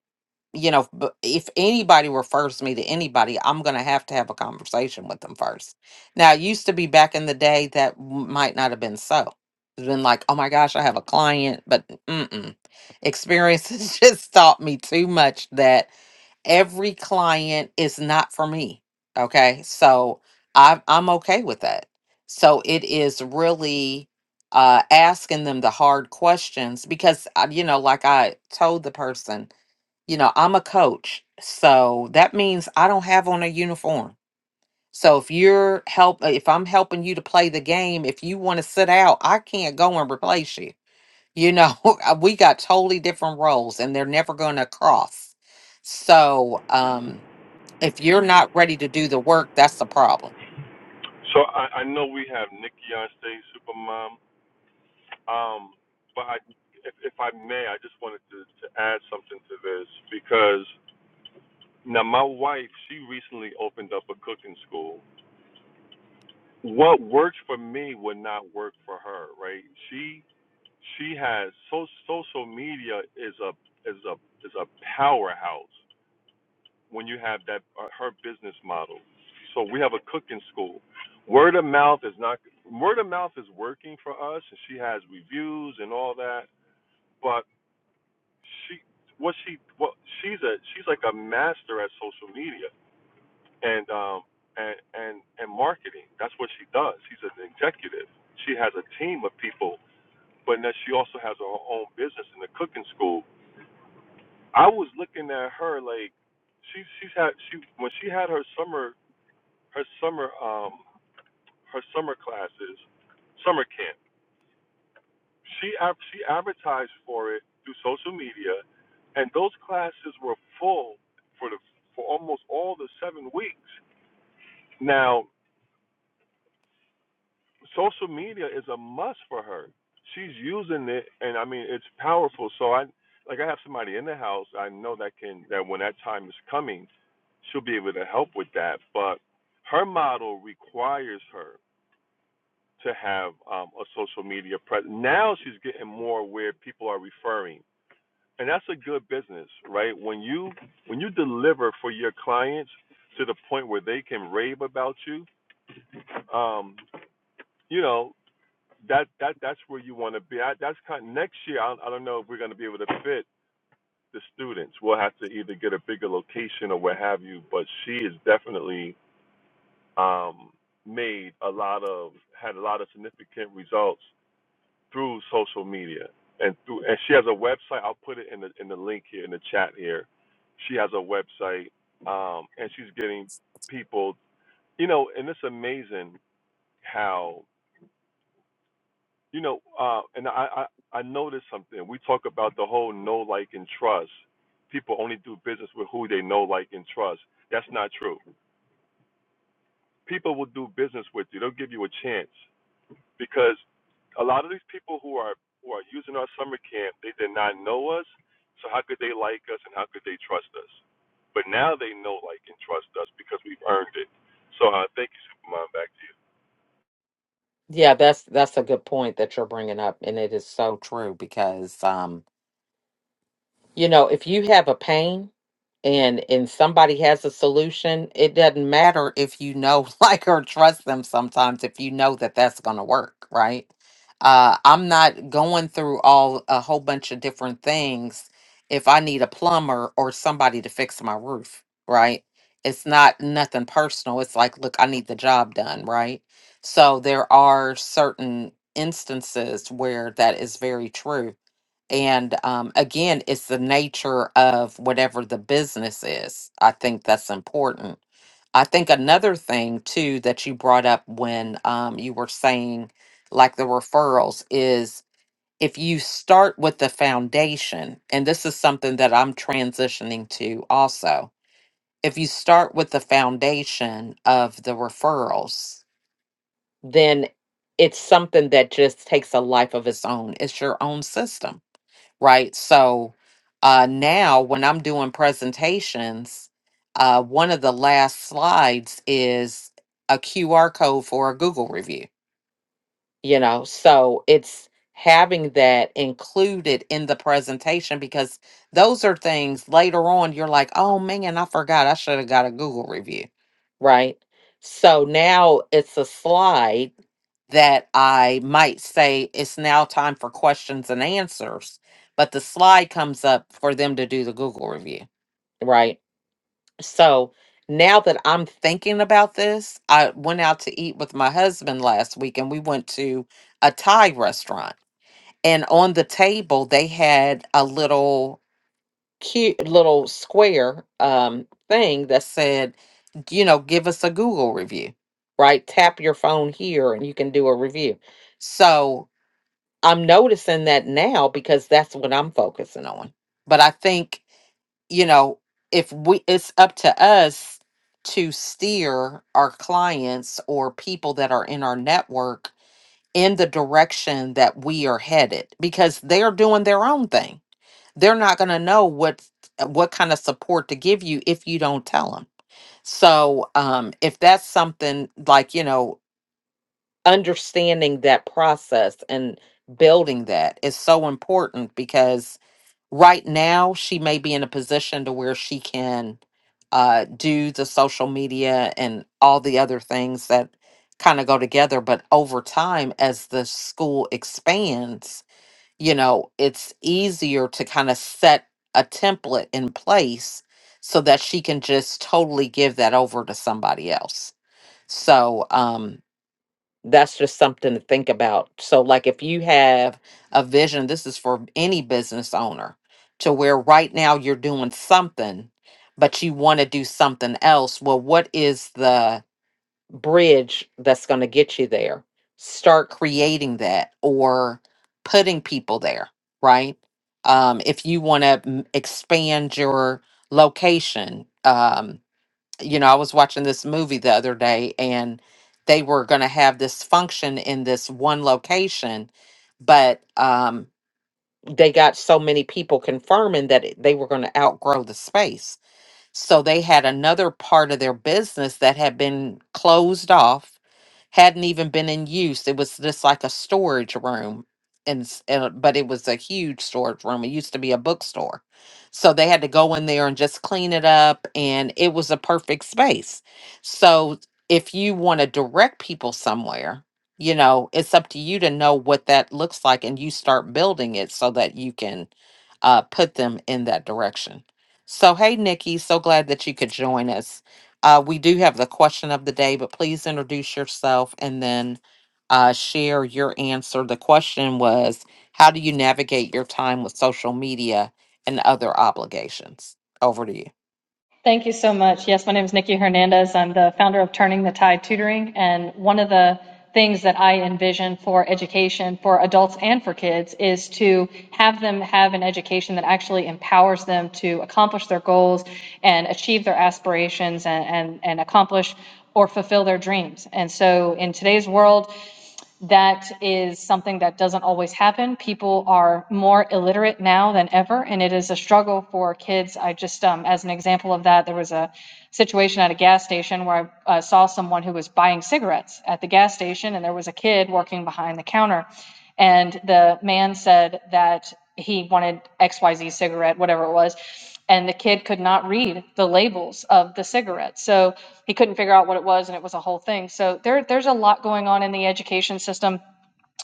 A: you know b- if anybody refers me to anybody i'm going to have to have a conversation with them first now it used to be back in the day that w- might not have been so it's been like oh my gosh i have a client but mm-mm. experience has just taught me too much that every client is not for me. Okay. So I'm I'm okay with that. So it is really uh asking them the hard questions because uh, you know, like I told the person, you know, I'm a coach. So that means I don't have on a uniform. So if you're help uh, if I'm helping you to play the game, if you want to sit out, I can't go and replace you. You know, we got totally different roles and they're never going to cross. So, um if you're not ready to do the work, that's the problem.
B: So I, I know we have Nikki on stage, Supermom. Um, but I, if, if I may, I just wanted to, to add something to this because now my wife, she recently opened up a cooking school, what works for me would not work for her, right? She she has so social media is a is a is a powerhouse when you have that uh, her business model. So we have a cooking school. Word of mouth is not word of mouth is working for us, and she has reviews and all that. But she what she what she's a she's like a master at social media and um and and and marketing. That's what she does. She's an executive. She has a team of people, but then she also has her own business in the cooking school. I was looking at her like she she's had she when she had her summer her summer um her summer classes summer camp. She ad- she advertised for it through social media, and those classes were full for the for almost all the seven weeks. Now social media is a must for her. She's using it, and I mean it's powerful. So I, like, I have somebody in the house. I know that can that when that time is coming, she'll be able to help with that. But her model requires her to have um, a social media presence. Now she's getting more where people are referring, and that's a good business, right? When you when you deliver for your clients to the point where they can rave about you, um, you know, that that that's where you want to be. I, that's kind of, next year. I, I don't know if we're going to be able to fit the students. We'll have to either get a bigger location or what have you. But she has definitely um, made a lot of had a lot of significant results through social media and through and she has a website. I'll put it in the in the link here in the chat here. She has a website um, and she's getting people. You know, and it's amazing how. You know, uh, and I, I I noticed something. We talk about the whole know, like, and trust. People only do business with who they know, like, and trust. That's not true. People will do business with you. They'll give you a chance because a lot of these people who are who are using our summer camp, they did not know us. So how could they like us and how could they trust us? But now they know, like, and trust us because we've earned it. So uh, thank you, Superman. Back to you.
A: Yeah, that's that's a good point that you're bringing up, and it is so true because um, You know, if you have a pain and and somebody has a solution, it doesn't matter if you know like or trust them sometimes if you know that that's going to work, right? Uh I'm not going through all a whole bunch of different things if I need a plumber or somebody to fix my roof, right? It's not nothing personal. It's like, look, I need the job done, right? So there are certain instances where that is very true and um, again, it's the nature of whatever the business is. I think that's important. I think another thing too that you brought up when um, you were saying like the referrals is if you start with the foundation, and this is something that I'm transitioning to also, if you start with the foundation of the referrals, then it's something that just takes a life of its own. It's your own system right? So uh, now when I'm doing presentations, uh, one of the last slides is a QR code for a Google review, you know? So it's having that included in the presentation because those are things later on you're like, oh man, I forgot I should have got a Google review, right? So now it's a slide that I might say it's now time for questions and answers, but the slide comes up for them to do the Google review, right? So now that I'm thinking about this, I went out to eat with my husband last week and we went to a Thai restaurant. And on the table, they had a little cute little square um, thing that said, you know, give us a Google review, right? Tap your phone here and you can do a review. So I'm noticing that now because that's what I'm focusing on. But I think, you know, if we it's up to us to steer our clients or people that are in our network in the direction that we are headed because they're doing their own thing. They're not going to know what what kind of support to give you if you don't tell them. So, um if that's something like, you know, understanding that process and building that is so important because right now she may be in a position to where she can uh, do the social media and all the other things that kind of go together but over time as the school expands you know it's easier to kind of set a template in place so that she can just totally give that over to somebody else so um that's just something to think about. So, like, if you have a vision, this is for any business owner to where right now you're doing something, but you want to do something else. Well, what is the bridge that's going to get you there? Start creating that or putting people there, right? Um, if you want to expand your location, um, you know, I was watching this movie the other day and they were going to have this function in this one location, but um, they got so many people confirming that it, they were going to outgrow the space. So they had another part of their business that had been closed off, hadn't even been in use. It was just like a storage room. And, s- and uh, but it was a huge storage room. It used to be a bookstore. So they had to go in there and just clean it up and it was a perfect space. So if you want to direct people somewhere, you know, it's up to you to know what that looks like and you start building it so that you can uh, put them in that direction. So, hey, Nikki, so glad that you could join us. Uh, we do have the question of the day, but please introduce yourself and then uh, share your answer. The question was How do you navigate your time with social media and other obligations? Over to you.
C: Thank you so much. Yes, my name is Nikki Hernandez. I'm the founder of Turning the Tide Tutoring. And one of the things that I envision for education for adults and for kids is to have them have an education that actually empowers them to accomplish their goals and achieve their aspirations and, and, and accomplish or fulfill their dreams. And so in today's world, that is something that doesn't always happen. People are more illiterate now than ever, and it is a struggle for kids. I just, um, as an example of that, there was a situation at a gas station where I uh, saw someone who was buying cigarettes at the gas station, and there was a kid working behind the counter. And the man said that he wanted XYZ cigarette, whatever it was and the kid could not read the labels of the cigarettes. So he couldn't figure out what it was and it was a whole thing. So there there's a lot going on in the education system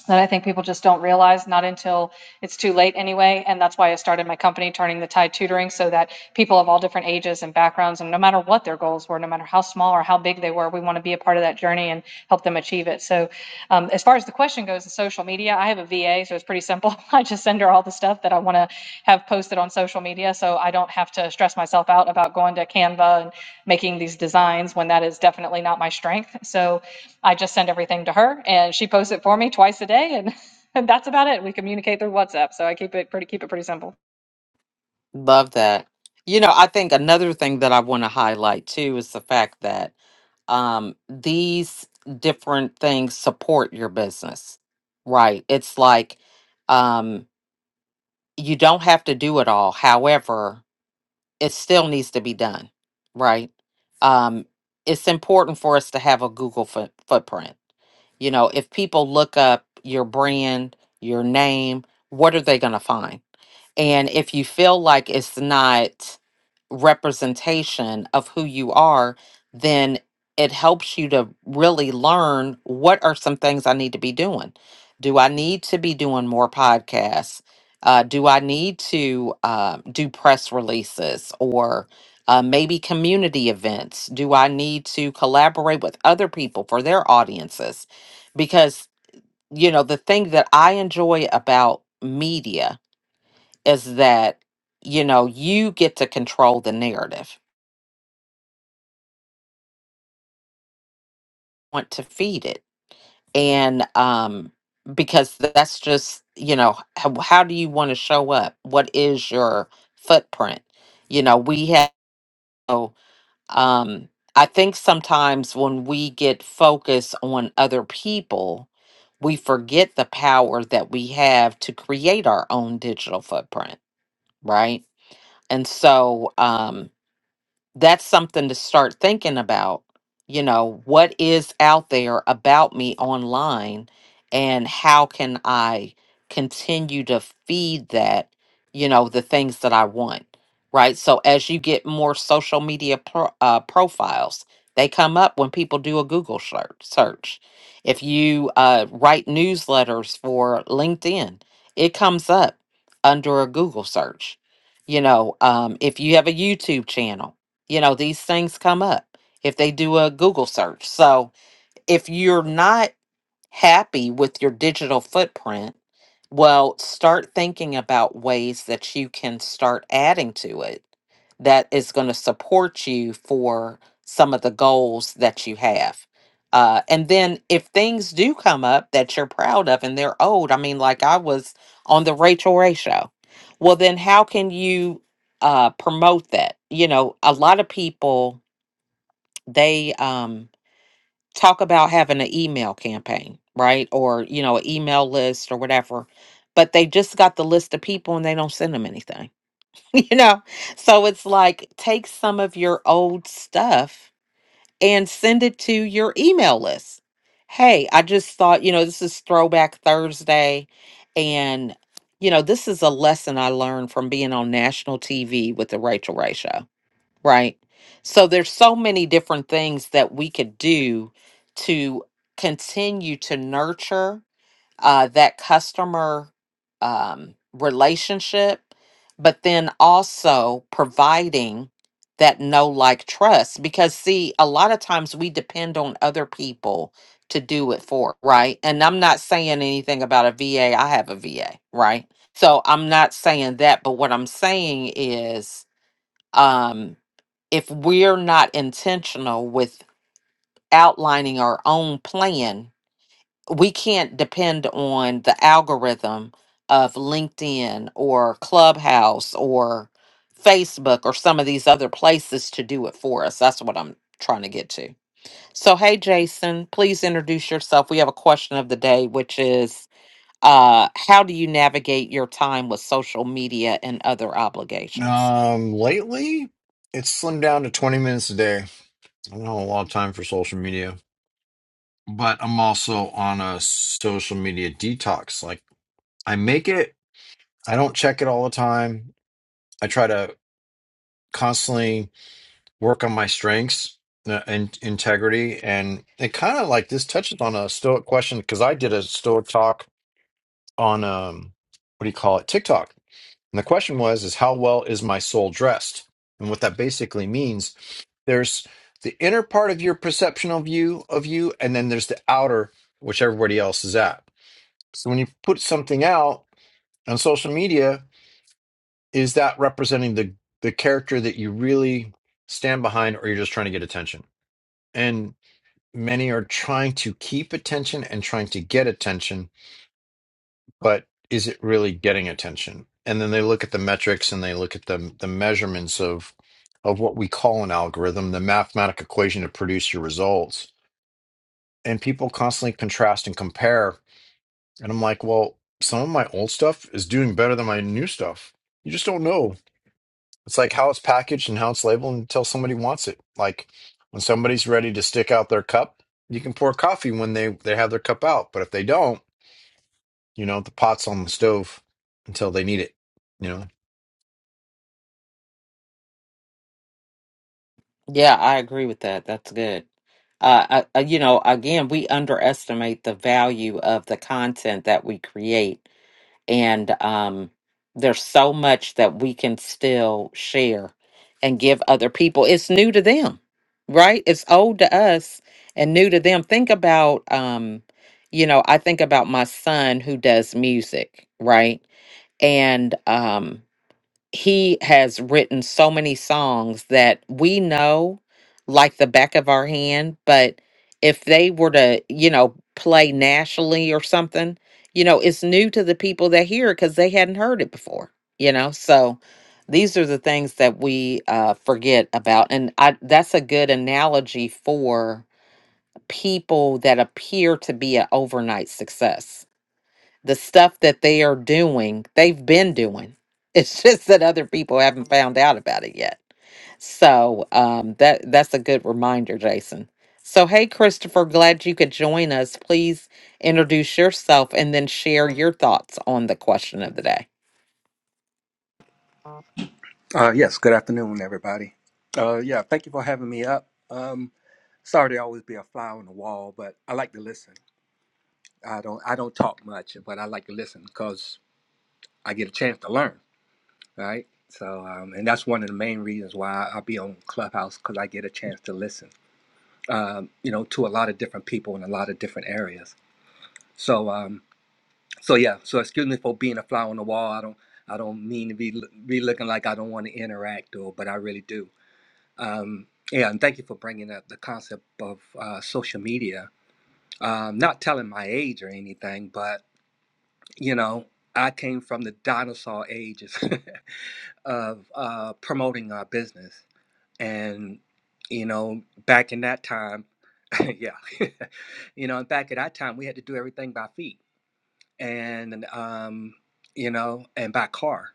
C: that I think people just don't realize, not until it's too late anyway. And that's why I started my company, Turning the Tide Tutoring, so that people of all different ages and backgrounds, and no matter what their goals were, no matter how small or how big they were, we want to be a part of that journey and help them achieve it. So, um, as far as the question goes, the social media, I have a VA, so it's pretty simple. I just send her all the stuff that I want to have posted on social media so I don't have to stress myself out about going to Canva and making these designs when that is definitely not my strength. So, I just send everything to her and she posts it for me twice a day and, and that's about it. We communicate through WhatsApp. So I keep it pretty keep it pretty simple.
A: Love that. You know, I think another thing that I want to highlight too is the fact that um, these different things support your business, right? It's like, um, you don't have to do it all. However, it still needs to be done, right? Um, it's important for us to have a Google foot, footprint. You know, if people look up your brand, your name, what are they going to find? And if you feel like it's not representation of who you are, then it helps you to really learn what are some things I need to be doing. Do I need to be doing more podcasts? Uh, do I need to uh, do press releases or uh, maybe community events? Do I need to collaborate with other people for their audiences? Because, you know, the thing that I enjoy about media is that, you know, you get to control the narrative want to feed it and um because that's just you know how, how do you want to show up what is your footprint you know we have so, um i think sometimes when we get focused on other people we forget the power that we have to create our own digital footprint right and so um that's something to start thinking about. You know, what is out there about me online and how can I continue to feed that, you know, the things that I want, right? So as you get more social media pro- uh, profiles, they come up when people do a Google search. search. If you uh, write newsletters for LinkedIn, it comes up under a Google search. You know, um, if you have a YouTube channel, you know these things come up if they do a google search so if you're not happy with your digital footprint, well, start thinking about ways that you can start adding to it that is going to support you for some of the goals that you have. Uh, and then if things do come up that you're proud of and they're old, I mean, like I was on the Rachel Ray show, well, then how can you uh, promote that? You know, a lot of people, they. Um, talk about having an email campaign, right? Or, you know, an email list or whatever. But they just got the list of people and they don't send them anything, you know? So it's like take some of your old stuff and send it to your email list. Hey, I just thought, you know, this is Throwback Thursday. And, you know, this is a lesson I learned from being on national TV with the Rachel Ray Show Right. So there's so many different things that we could do to continue to nurture uh, that customer um, relationship, but then also providing that no like trust because see a lot of times we depend on other people to do it for right and i'm not saying anything about a va i have a va right so i'm not saying that but what i'm saying is um, if we're not intentional with outlining our own plan, we can't depend on the algorithm of LinkedIn or Clubhouse or Facebook or some of these other places to do it for us. That's what I'm trying to get to. So, hey, Jason, please introduce yourself. We have a question of the day, which is uh, how do you navigate your time with social media and other obligations?
D: Um, lately, it's slimmed down to 20 minutes a day. I don't have a lot of time for social media, but I'm also on a social media detox. Like, I make it, I don't check it all the time. I try to constantly work on my strengths uh, and integrity. And it kind of like this touches on a Stoic question because I did a Stoic talk on, um, what do you call it, TikTok. And the question was is how well is my soul dressed? And what that basically means, there's the inner part of your perceptional view of you, and then there's the outer, which everybody else is at. So when you put something out on social media, is that representing the the character that you really stand behind, or you're just trying to get attention? And many are trying to keep attention and trying to get attention but is it really getting attention? And then they look at the metrics and they look at the the measurements of of what we call an algorithm, the mathematical equation to produce your results. And people constantly contrast and compare. And I'm like, well, some of my old stuff is doing better than my new stuff. You just don't know. It's like how it's packaged and how it's labeled until somebody wants it. Like when somebody's ready to stick out their cup, you can pour coffee when they they have their cup out. But if they don't, You know, the pot's on the stove until they need it. You know,
A: Yeah, I agree with that. That's good. Uh, I, I, you know, again, we underestimate the value of the content that we create, and um, there's so much that we can still share and give other people. It's new to them, right? It's old to us and new to them. Think about, um, you know, I think about my son who does music, right? And um, he has written so many songs that we know like the back of our hand but if they were to you know play nationally or something you know it's new to the people that hear it because they hadn't heard it before you know so these are the things that we uh, forget about and I, that's a good analogy for people that appear to be an overnight success the stuff that they are doing, they've been doing. It's just that other people haven't found out about it yet. So um, that that's a good reminder, Jason. So hey, Christopher, glad you could join us. Please introduce yourself and then share your thoughts on the question of the day.
E: Uh, yes, good afternoon, everybody. Uh, yeah, thank you for having me up. Um, sorry to always be a fly on the wall, but I like to listen. I don't I don't talk much, but I like to listen because I get a chance to learn, right? So, um, and that's one of the main reasons why I be on Clubhouse because I get a chance to listen, um, you know, to a lot of different people in a lot of different areas. So, um, so yeah, so excuse me for being a fly on the wall. I don't I don't mean to be be looking like I don't want to interact or, but I really do. Um, yeah, and thank you for bringing up the concept of uh, social media. Um, not telling my age or anything, but you know, I came from the dinosaur ages of uh, promoting our business, and you know, back in that time, yeah, you know, and back at that time, we had to do everything by feet, and um, you know, and by car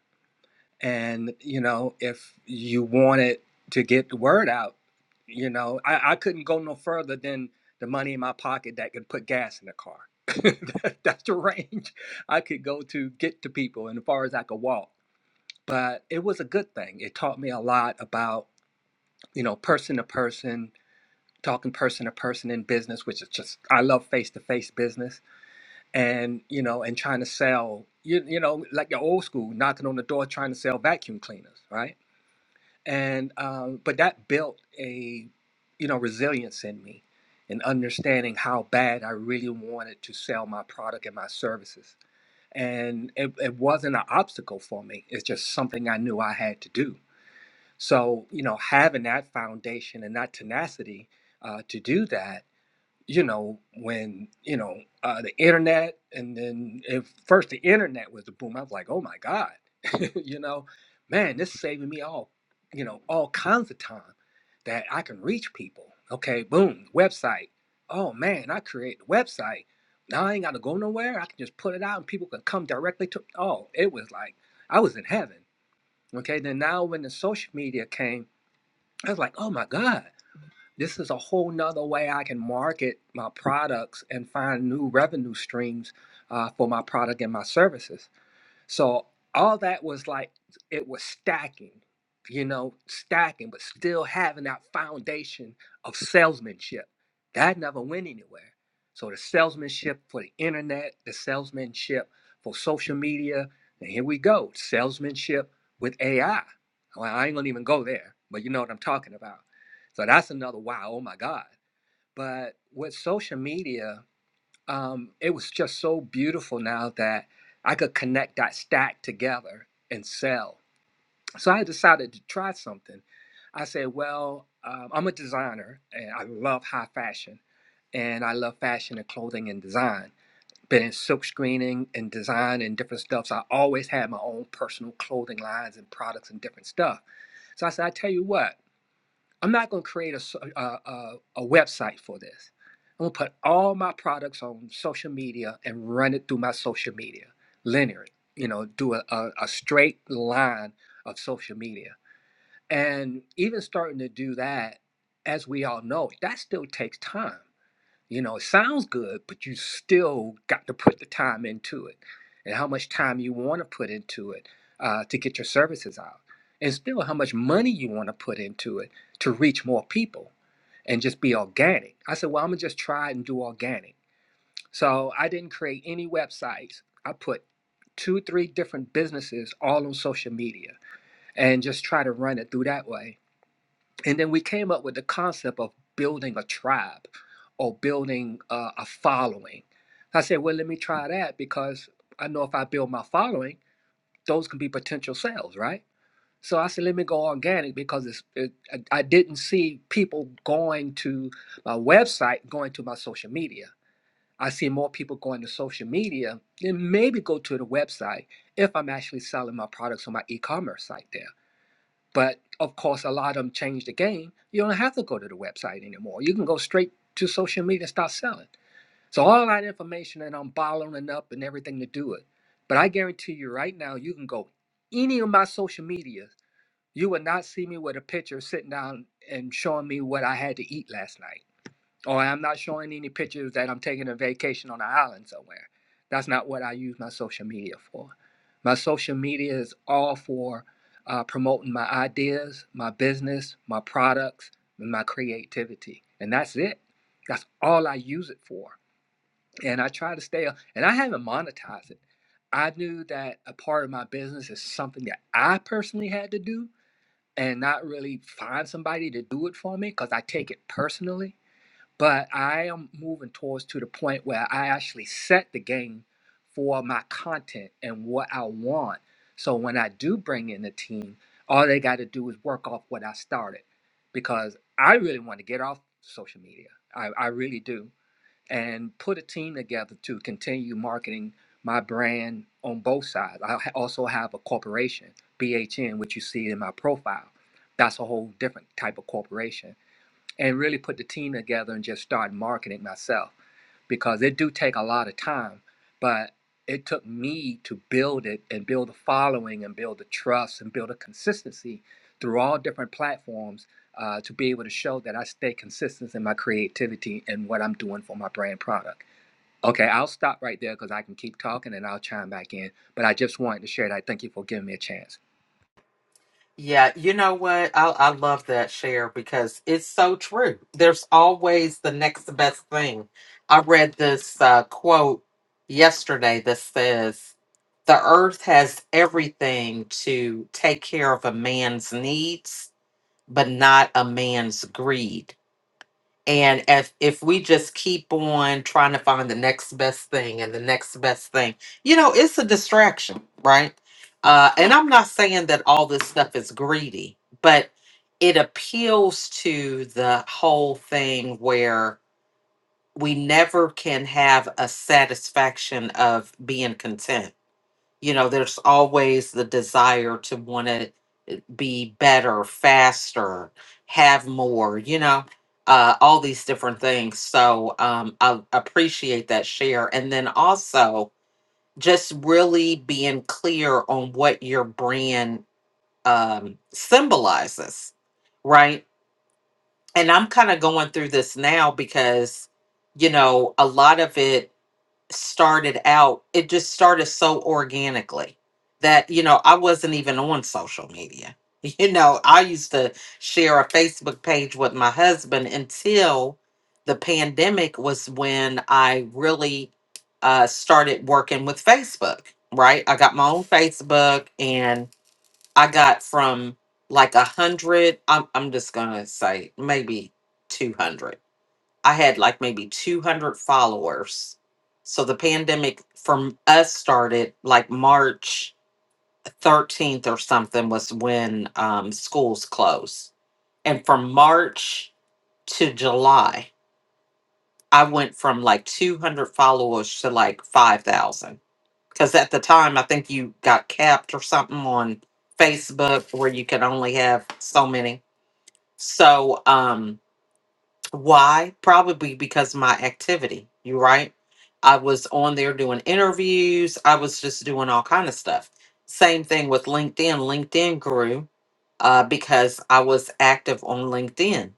E: and you know if you wanted to get the word out you know i, I couldn't go no further than the money in my pocket that could put gas in the car That- that's the range i could go to get to people and as far as i could walk but it was a good thing it taught me a lot about you know person to person talking person to person in business which is just i love face to face business and you know and trying to sell you, you know like the old school knocking on the door trying to sell vacuum cleaners right and um, but that built a you know resilience in me and understanding how bad i really wanted to sell my product and my services and it, it wasn't an obstacle for me it's just something i knew i had to do so you know having that foundation and that tenacity uh, to do that you know, when, you know, uh, the internet, and then at first the internet was the boom. I was like, oh my God, you know, man, this is saving me all, you know, all kinds of time that I can reach people. Okay, boom, website. Oh man, I create the website. Now I ain't got to go nowhere. I can just put it out and people can come directly to, oh, it was like, I was in heaven. Okay, then now when the social media came, I was like, oh my God this is a whole nother way I can market my products and find new revenue streams uh, for my product and my services. So all that was like it was stacking, you know, stacking, but still having that foundation of salesmanship. That never went anywhere. So the salesmanship for the internet, the salesmanship for social media, and here we go, salesmanship with AI. Well, I ain't gonna even go there, but you know what I'm talking about. So that's another wow, oh my God. But with social media, um, it was just so beautiful now that I could connect that stack together and sell. So I decided to try something. I said, well, um, I'm a designer and I love high fashion and I love fashion and clothing and design. Been in silk screening and design and different stuff. So I always had my own personal clothing lines and products and different stuff. So I said, I tell you what, I'm not going to create a a a, a website for this. I'm going to put all my products on social media and run it through my social media linear, you know, do a, a, a straight line of social media. And even starting to do that, as we all know, that still takes time. You know, it sounds good, but you still got to put the time into it and how much time you want to put into it uh, to get your services out, and still how much money you want to put into it to reach more people and just be organic. I said, Well, I'm going to just try and do organic. So I didn't create any websites. I put two, three different businesses all on social media and just try to run it through that way and then we came up with the concept of building a tribe or building uh, a following. I said, well, let me try that because I know if I build my following, those can be potential sales, right? So I said, let me go organic because it's, it, I I didn't see people going to my website, going to my social media. I see more people going to social media than maybe go to the website if I'm actually selling my products on my e-commerce site there. But of course, a lot of them changed the game. You don't have to go to the website anymore. You can go straight to social media and start selling. So all that information and I'm bottling up and everything to do it. But I guarantee you right now, you can go any of my social media. You will not see me with a picture sitting down and showing me what I had to eat last night or I'm not showing any pictures that I'm taking a vacation on an island somewhere. That's not what I use my social media for. My social media is all for uh, promoting my ideas, my business, my products, and my creativity. And that's it. That's all I use it for. And I try to stay, and I haven't monetized it. I knew that a part of my business is something that I personally had to do and not really find somebody to do it for me because I take it personally but I am moving towards to the point where I actually set the game for my content and what I want. So when I do bring in a team, all they got to do is work off what I started because I really want to get off social media. I, I really do. And put a team together to continue marketing my brand on both sides. I ha- also have a corporation, BHN, which you see in my profile. That's a whole different type of corporation and really put the team together and just start marketing myself because it do take a lot of time but it took me to build it and build a following and build the trust and build a consistency through all different platforms uh, to be able to show that i stay consistent in my creativity and what i'm doing for my brand product okay i'll stop right there because i can keep talking and i'll chime back in but i just wanted to share that thank you for giving me a chance
A: Yeah, you know what? I I love that share because it's so true. There's always the next best thing. I read this uh, quote yesterday that says, "The earth has everything to take care of a man's needs, but not a man's greed." And if if we just keep on trying to find the next best thing and the next best thing, you know, it's a distraction, right? Uh, and I'm not saying that all this stuff is greedy, but it appeals to the whole thing where we never can have a satisfaction of being content. You know, there's always the desire to want to be better, faster, have more, you know, uh, all these different things. So um, I appreciate that share. And then also just really being clear on what your brand um, symbolizes, right? And I'm kind of going through this now because, you know, a lot of it started out, it just started so organically that, you know, I wasn't even on social media. You know, I used to share a Facebook page with my husband until the pandemic was when I really uh, started working with Facebook, right? I got my own Facebook and I got from like a hundred, I'm, I'm just going to say maybe 200 I had like maybe 200 followers. So the pandemic from us started like March 13th or something was when um, schools closed. And from March to July, I went from like 200 followers to like 5,000. Because at the time, I think you got capped or something on Facebook where you could only have so many. So, um, Why? Probably because of my activity. You right? I was on there doing interviews. I was just doing all kind of stuff. Same thing with LinkedIn. LinkedIn grew uh, because I was active on LinkedIn.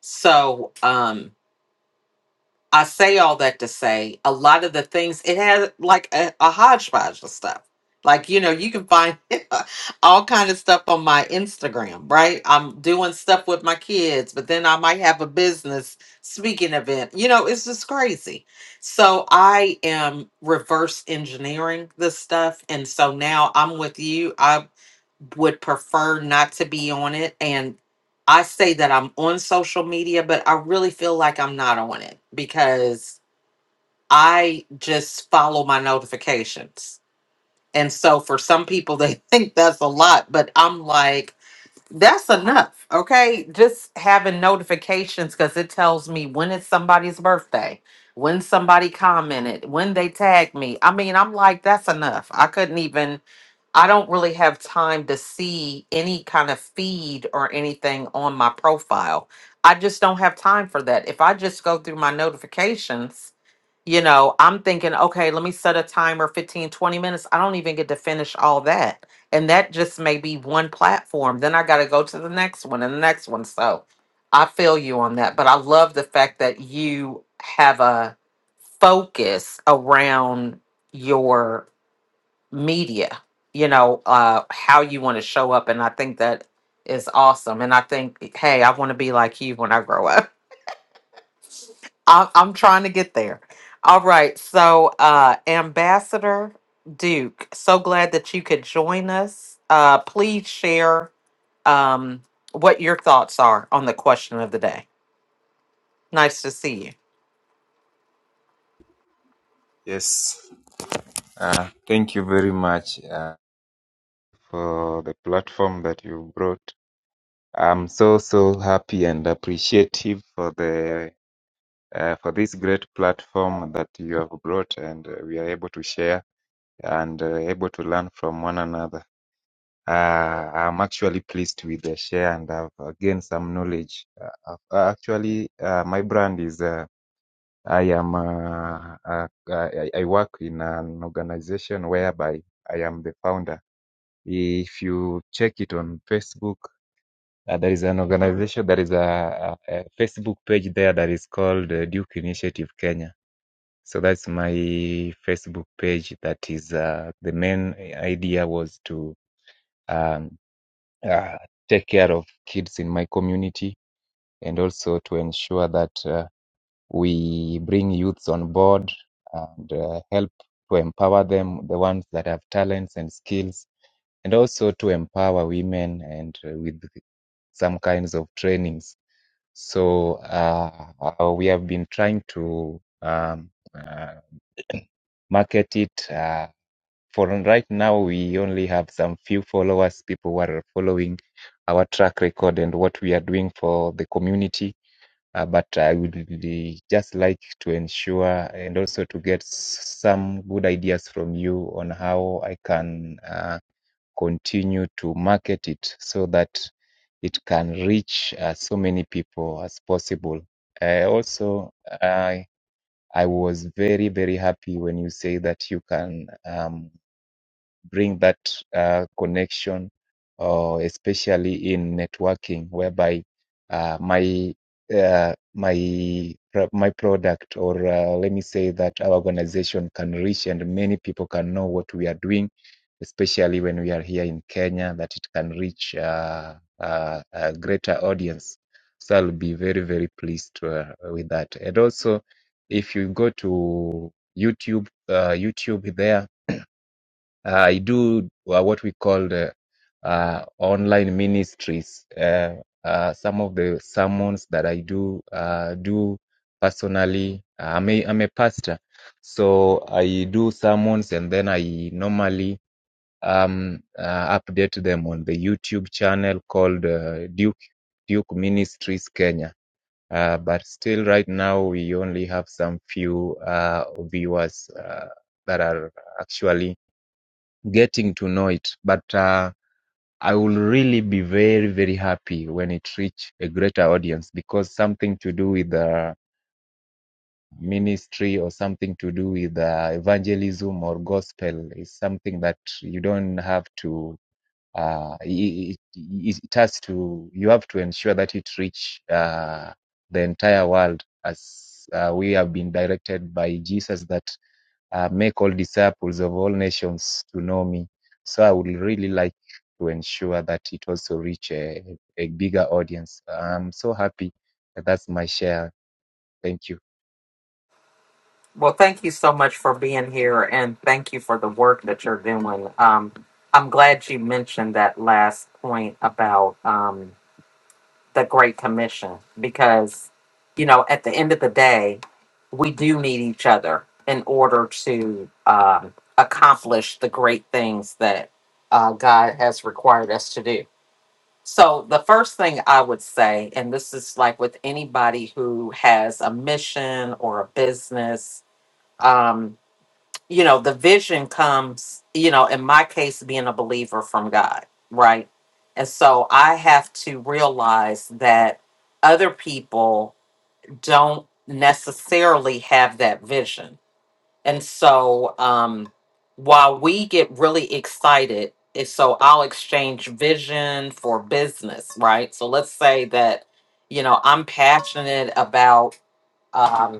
A: So um, I say all that to say a lot of the things it has like a, a hodgepodge of stuff. Like you know, you can find all kind of stuff on my Instagram, right? I'm doing stuff with my kids, but then I might have a business speaking event. You know, it's just crazy. So I am reverse engineering this stuff, and so now I'm with you. I would prefer not to be on it and I say that I'm on social media but I really feel like I'm not on it because I just follow my notifications. And so for some people they think that's a lot but I'm like that's enough. Okay? Just having notifications cuz it tells me when it's somebody's birthday, when somebody commented, when they tagged me. I mean, I'm like that's enough. I couldn't even I don't really have time to see any kind of feed or anything on my profile. I just don't have time for that. If I just go through my notifications, you know, I'm thinking, okay, let me set a timer 15, 20 minutes. I don't even get to finish all that. And that just may be one platform. Then I got to go to the next one and the next one. So I feel you on that. But I love the fact that you have a focus around media you know uh how you want to show up and i think that is awesome and i think hey i want to be like you when i grow up I, i'm trying to get there all right so uh ambassador duke so glad that you could join us uh please share um what your thoughts are on the question of the day nice to see you
F: Yes, uh, thank you very much uh, for the platform that you brought. I'm so so happy and appreciative for the uh, for this great platform that you have brought, and uh, we are able to share and uh, able to learn from one another. Uh, I'm actually pleased with the share, and I've uh, gained some knowledge. Uh, I've- uh, actually, uh, my brand is uh, I am uh, uh, I, I I work in an organization whereby I am the founder If you check it on Facebook, uh, there is an organization, there is a, a, a Facebook page there that is called uh, Duke Initiative Kenya. So that's my Facebook page. That is uh, the main idea was to um, uh, take care of kids in my community and also to ensure that uh, we bring youths on board and uh, help to empower them, the ones that have talents and skills and also to empower women and uh, with some kinds of trainings. So uh, uh, we have been trying to um, uh, market it. Uh, for right now, we only have some few followers, people who are following our track record and what we are doing for the community. Uh, but I would really just like to ensure and also to get s- some good ideas from you on how I can. uh, continue to market it so that it can reach uh, so many people as possible. Uh, also, I I was very very happy when you say that you can um, bring that uh, connection, or especially in networking, whereby uh, my uh, my my product, or uh, let me say that our organization can reach and many people can know what we are doing, especially when we are here in Kenya, that it can reach uh, uh, a greater audience. So I'll be very very pleased uh, with that, and also if you go to YouTube, uh, YouTube there. Uh, I do uh, what we call the uh, online ministries. Uh, uh, some of the sermons that I do uh, do personally. uh, I'm a, I'm a pastor, so I do sermons and then I normally um, uh, update them on the YouTube channel called uh, Duke Duke Ministries Kenya. Uh, but still, right now we only have some few uh, viewers uh, that are actually getting to know it. But uh, I will really be very, very happy when it reach a greater audience because something to do with the ministry or something to do with uh, evangelism or gospel is something that you don't have to. Uh, it, it, it has to. You have to ensure that it reach uh, the entire world as uh, we have been directed by Jesus that uh, make all disciples of all nations to know me. So I would really like to ensure that it also reach a, a bigger audience. I'm so happy that that's my share. Thank you.
A: Well, thank you so much for being here and thank you for the work that you're doing. Um, I'm glad you mentioned that last point about um, the Great Commission because, you know, at the end of the day, we do need each other in order to um, accomplish the great things that uh, God has required us to do. So, the first thing I would say, and this is like with anybody who has a mission or a business. um, you know the vision comes you know in my case being a believer from god right and so i have to realize that other people don't necessarily have that vision and so um while we get really excited if so i'll exchange vision for business right so let's say that you know i'm passionate about um,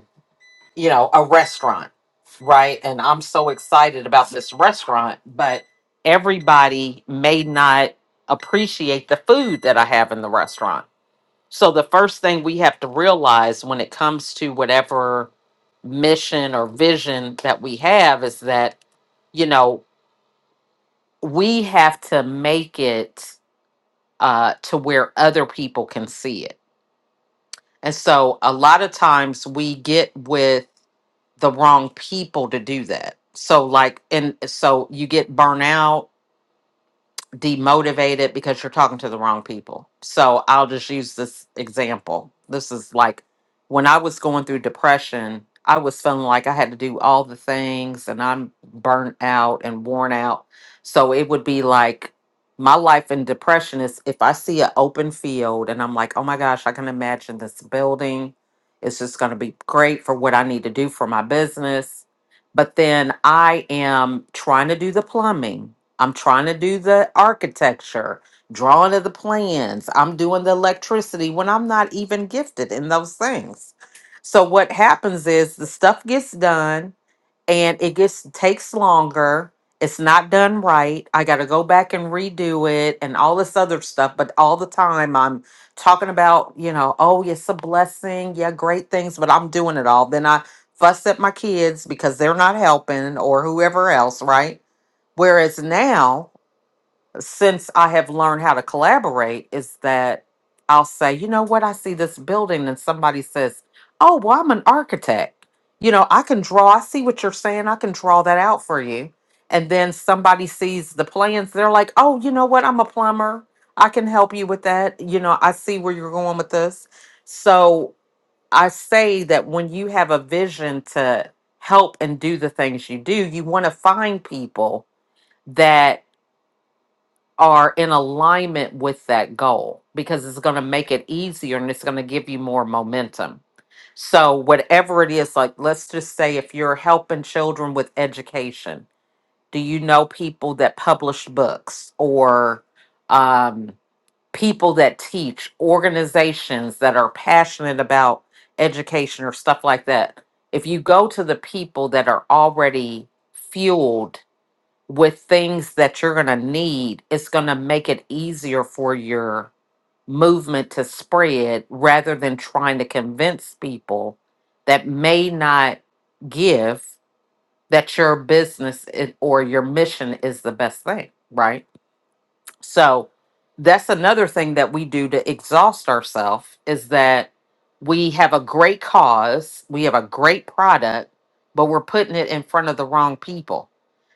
A: you know, a restaurant, right? And I'm so excited about this restaurant, but everybody may not appreciate the food that I have in the restaurant. So the first thing we have to realize when it comes to whatever mission or vision that we have is that, you know, we have to make it uh, to where other people can see it. And so a lot of times we get with the wrong people to do that. So like and so you get burnout demotivated because you're talking to the wrong people. So I'll just use this example. This is like when I was going through depression, I was feeling like I had to do all the things and I'm burnt out and worn out. So it would be like my life in depression is if I see an open field and I'm like, oh my gosh, I can imagine this building. It's just going to be great for what I need to do for my business. But then I am trying to do the plumbing I'm trying to do the architecture, drawing of the plans. I'm doing the electricity when I'm not even gifted in those things. So what happens is the stuff gets done and it gets takes longer. It's not done right. I got to go back and redo it and all this other stuff, but all the time I'm talking about, you know, oh, yeah, it's a blessing. Yeah, great things, but I'm doing it all. Then I fuss at my kids because they're not helping or whoever else, right? Whereas now since I have learned how to collaborate is that I'll say, you know what, I see this building and somebody says, oh, well, I'm an architect. You know, I can draw, I see what you're saying, I can draw that out for you. And then somebody sees the plans, they're like, oh, you know what, I'm a plumber, I can help you with that. You know, I see where you're going with this. So I say that when you have a vision to help and do the things you do, you want to find people that are in alignment with that goal because it's going to make it easier and it's going to give you more momentum. So, whatever it is, like let's just say if you're helping children with education, do you know people that publish books or um, people that teach, organizations that are passionate about education or stuff like that? If you go to the people that are already fueled with things that you're going to need, it's going to make it easier for your movement to spread rather than trying to convince people that may not give that your business i- or your mission is the best thing, right? So that's another thing that we do to exhaust ourselves is that we have a great cause, we have a great product, but we're putting it in front of the wrong people.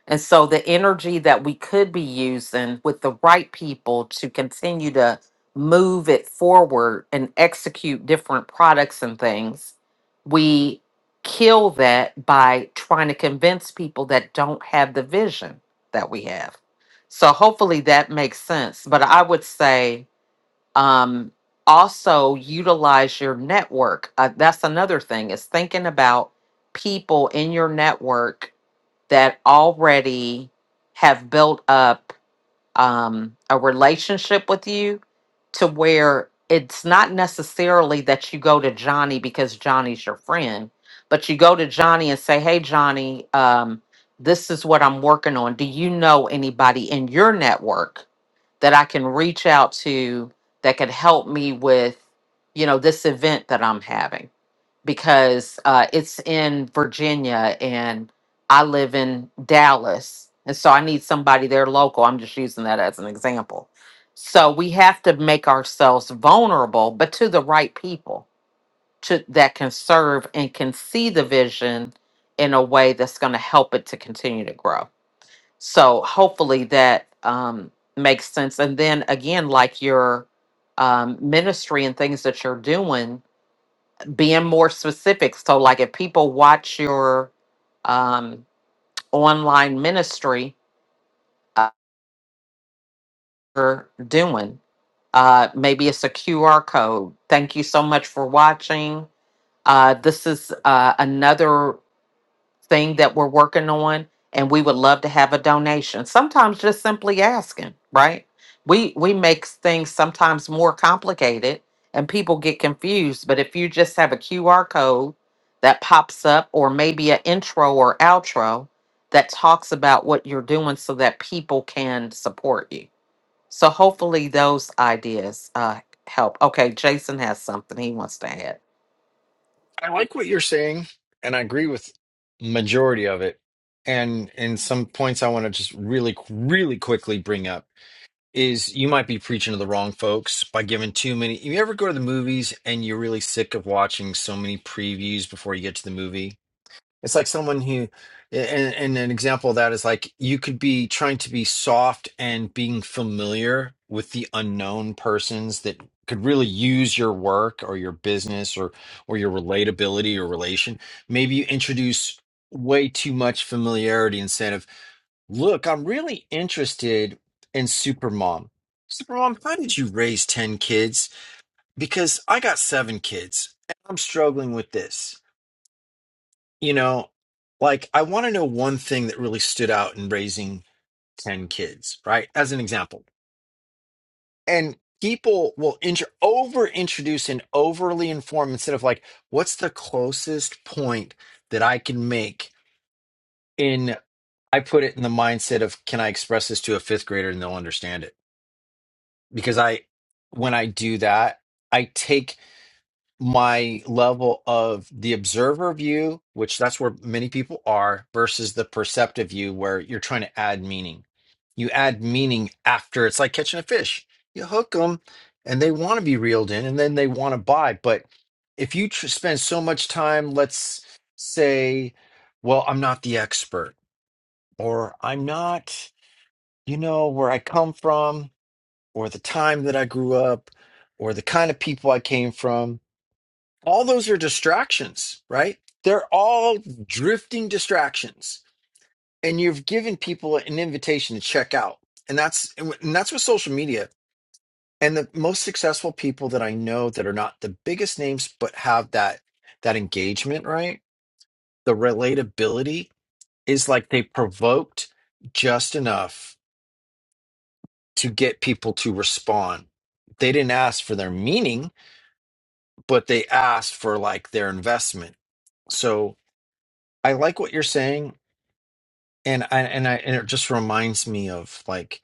A: And so the energy that we could be using with the right people to continue to move it forward and execute different products and things, we kill that by trying to convince people that don't have the vision that we have. So hopefully that makes sense. But I would say um, also utilize your network. Uh, that's another thing is thinking about people in your network that already have built up um, a relationship with you to where it's not necessarily that you go to Johnny because Johnny's your friend, but you go to Johnny and say, Hey, Johnny, um, this is what I'm working on. Do you know anybody in your network that I can reach out to that could help me with, you know, this event that I'm having? because uh, it's in Virginia and I live in Dallas. And so I need somebody there local. I'm just using that as an example. So we have to make ourselves vulnerable, but to the right people to, that can serve and can see the vision in a way that's going to help it to continue to grow. So hopefully that um, makes sense. And then again, like your um, ministry and things that you're doing, being more specific. So, like if people watch your um, online ministry uh, you're doing, uh, maybe it's a QR code. Thank you so much for watching. Uh, this is uh, another thing that we're working on and we would love to have a donation sometimes just simply asking right we we make things sometimes more complicated and people get confused but if you just have a qr code that pops up or maybe an intro or outro that talks about what you're doing so that people can support you so hopefully those ideas uh help okay jason has something he wants to add
D: I like what you're saying, and I agree with majority of it. And and some points I want to just really, really quickly bring up is you might be preaching to the wrong folks by giving too many. You ever go to the movies and you're really sick of watching so many previews before you get to the movie? It's like someone who, and, and an example of that is like you could be trying to be soft and being familiar with the unknown persons that could really use your work or your business or or your relatability or relation. Maybe you introduce way too much familiarity instead of, look, I'm really interested in Supermom. Supermom, how did you raise 10 kids? Because I got seven kids and I'm struggling with this you know, like I want to know one thing that really stood out in raising 10 kids, right? As an example. And people will intro- over introduce and overly inform instead of like, what's the closest point that I can make in, I put it in the mindset of, can I express this to a fifth grader and they'll understand it? Because I, when I do that, I take my level of the observer view, which that's where many people are, versus the perceptive view, where you're trying to add meaning. You add meaning after it's like catching a fish. You hook them and they want to be reeled in and then they want to buy. But if you tr- spend so much time, let's say, well, I'm not the expert, or I'm not, you know, where I come from, or the time that I grew up, or the kind of people I came from all those are distractions, right? They're all drifting distractions. And you've given people an invitation to check out. And that's and that's with social media. And the most successful people that I know that are not the biggest names but have that that engagement, right? The relatability is like they provoked just enough to get people to respond. They didn't ask for their meaning, but they asked for like their investment. So I like what you're saying And I and I and it just reminds me of like,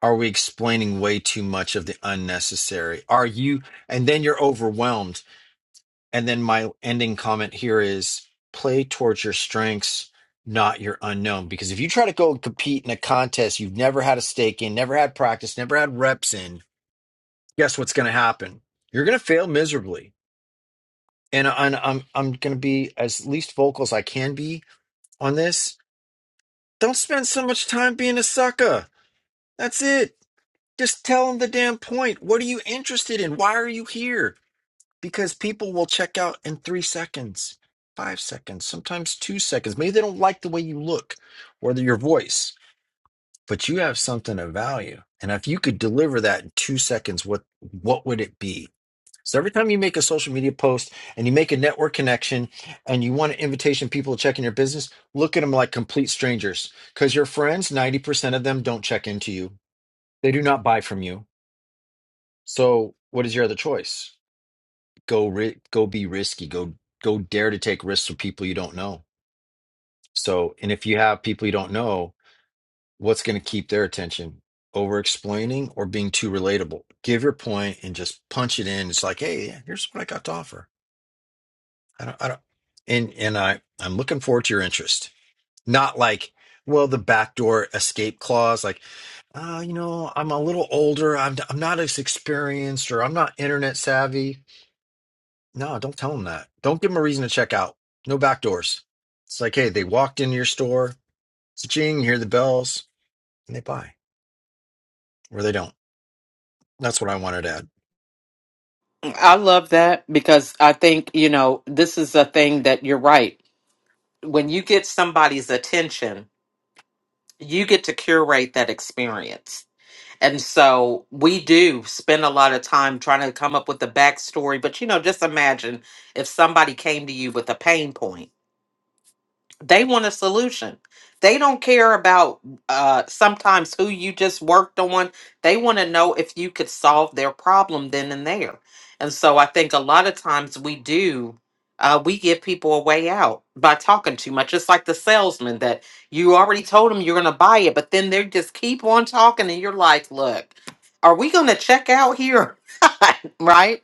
D: are we explaining way too much of the unnecessary? Are you and then you're overwhelmed. And then my ending comment here is play towards your strengths, not your unknown. Because if you try to go compete in a contest you've never had a stake in, never had practice, never had reps in, guess what's gonna happen? You're gonna fail miserably. And I- and I'm I'm gonna be as least vocal as I can be on this. Don't spend so much time being a sucker. That's it Just tell them the damn point. What are you interested in? Why are you here? Because people will check out in three seconds, five seconds, sometimes two seconds. Maybe they don't like the way you look or the- your voice, but you have something of value. And if you could deliver that in two seconds, what what would it be? So every time you make a social media post and you make a network connection and you want an invitation people to check in your business, look at them like complete strangers. Because your friends, 90% of them don't check into you. They do not buy from you so, what is your other choice? Go ri go be risky. Go go dare to take risks with people you don't know. So, and if you have people you don't know, what's going to keep their attention? Over explaining or being too relatable. Give your point and just punch it in. It's like, hey, yeah, here's what I got to offer. I don't, I don't, and and I I'm looking forward to your interest. Not like, well, the backdoor escape clause, like, uh, you know, I'm a little older. I'm I'm not as experienced, or I'm not internet savvy. No, don't tell them that. Don't give them a reason to check out. No back doors. It's like, hey, they walked into your store, it's a ching, you hear the bells, and they buy, or they don't. That's what I wanted to ask.
A: I love that because I think, you know, this is a thing that you're right. When you get somebody's attention, you get to curate that experience. And so we do spend a lot of time trying to come up with the backstory. But, you know, just imagine if somebody came to you with a pain point they want a solution. They don't care about uh, sometimes who you just worked on. They want to know if you could solve their problem then and there. And so I think a lot of times we do, uh, we give people a way out by talking too much. It's like the salesman that you already told them you're going to buy it, but then they just keep on talking, and you're like, look, are we going to check out here? right?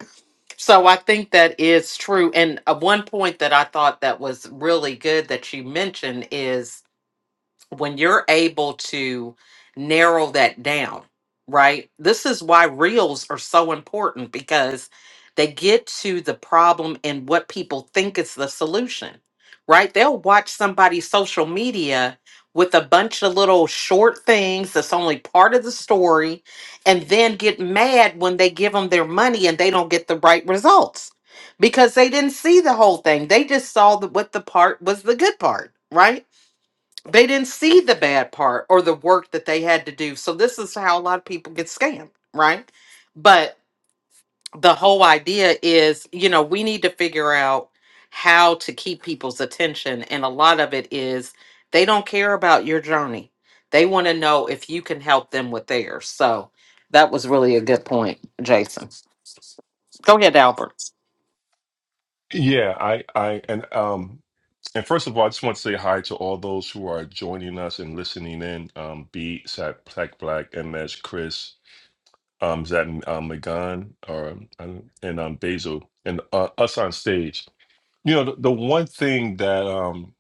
A: So I think that is true. And uh, one point that I thought that was really good that you mentioned is when you're able to narrow that down, right? This is why reels are so important because they get to the problem and what people think is the solution, right? They'll watch somebody's social media with a bunch of little short things that's only part of the story and then get mad when they give them their money and they don't get the right results because they didn't see the whole thing. They just saw the, what the part was the good part, right? They didn't see the bad part or the work that they had to do. So this is how a lot of people get scammed, right? But the whole idea is, you know, we need to figure out how to keep people's attention and a lot of it is they don't care about your journey. They want to know if you can help them with theirs. So that was really a good point, Jason. Go ahead, Albert.
B: Yeah, I, I, and um, And first of all, I just want to say hi to all those who are joining us and listening in. Um, B, Sat, Black, Black, MS, Chris, um, Zat, um, Megan, or um, and um, Basil, and uh, us on stage. You know, the, the one thing that um,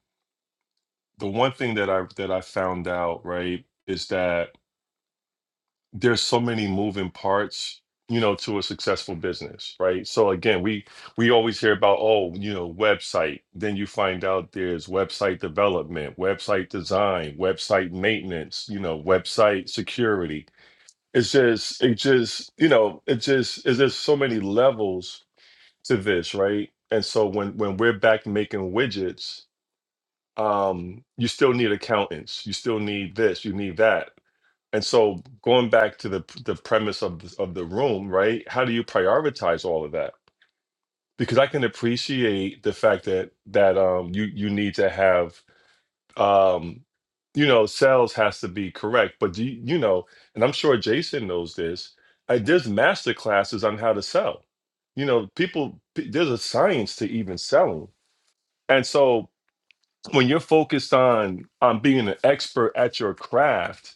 B: the one thing that I that I found out right is that there's so many moving parts. You know, to a successful business, right? So again, we we always hear about oh, you know, website. Then you find out there's website development, security is you know to the and so making widgets um need that and so going to prep of the room right how do you prioritize all of that because i can appreciate the fact that um you you need to have um you know sales has to be correct but do you, you know and i'm sure jason knows this I, there's master classes on how to sell you know people p- there's a science to selling and so when. on on being an expert at your craft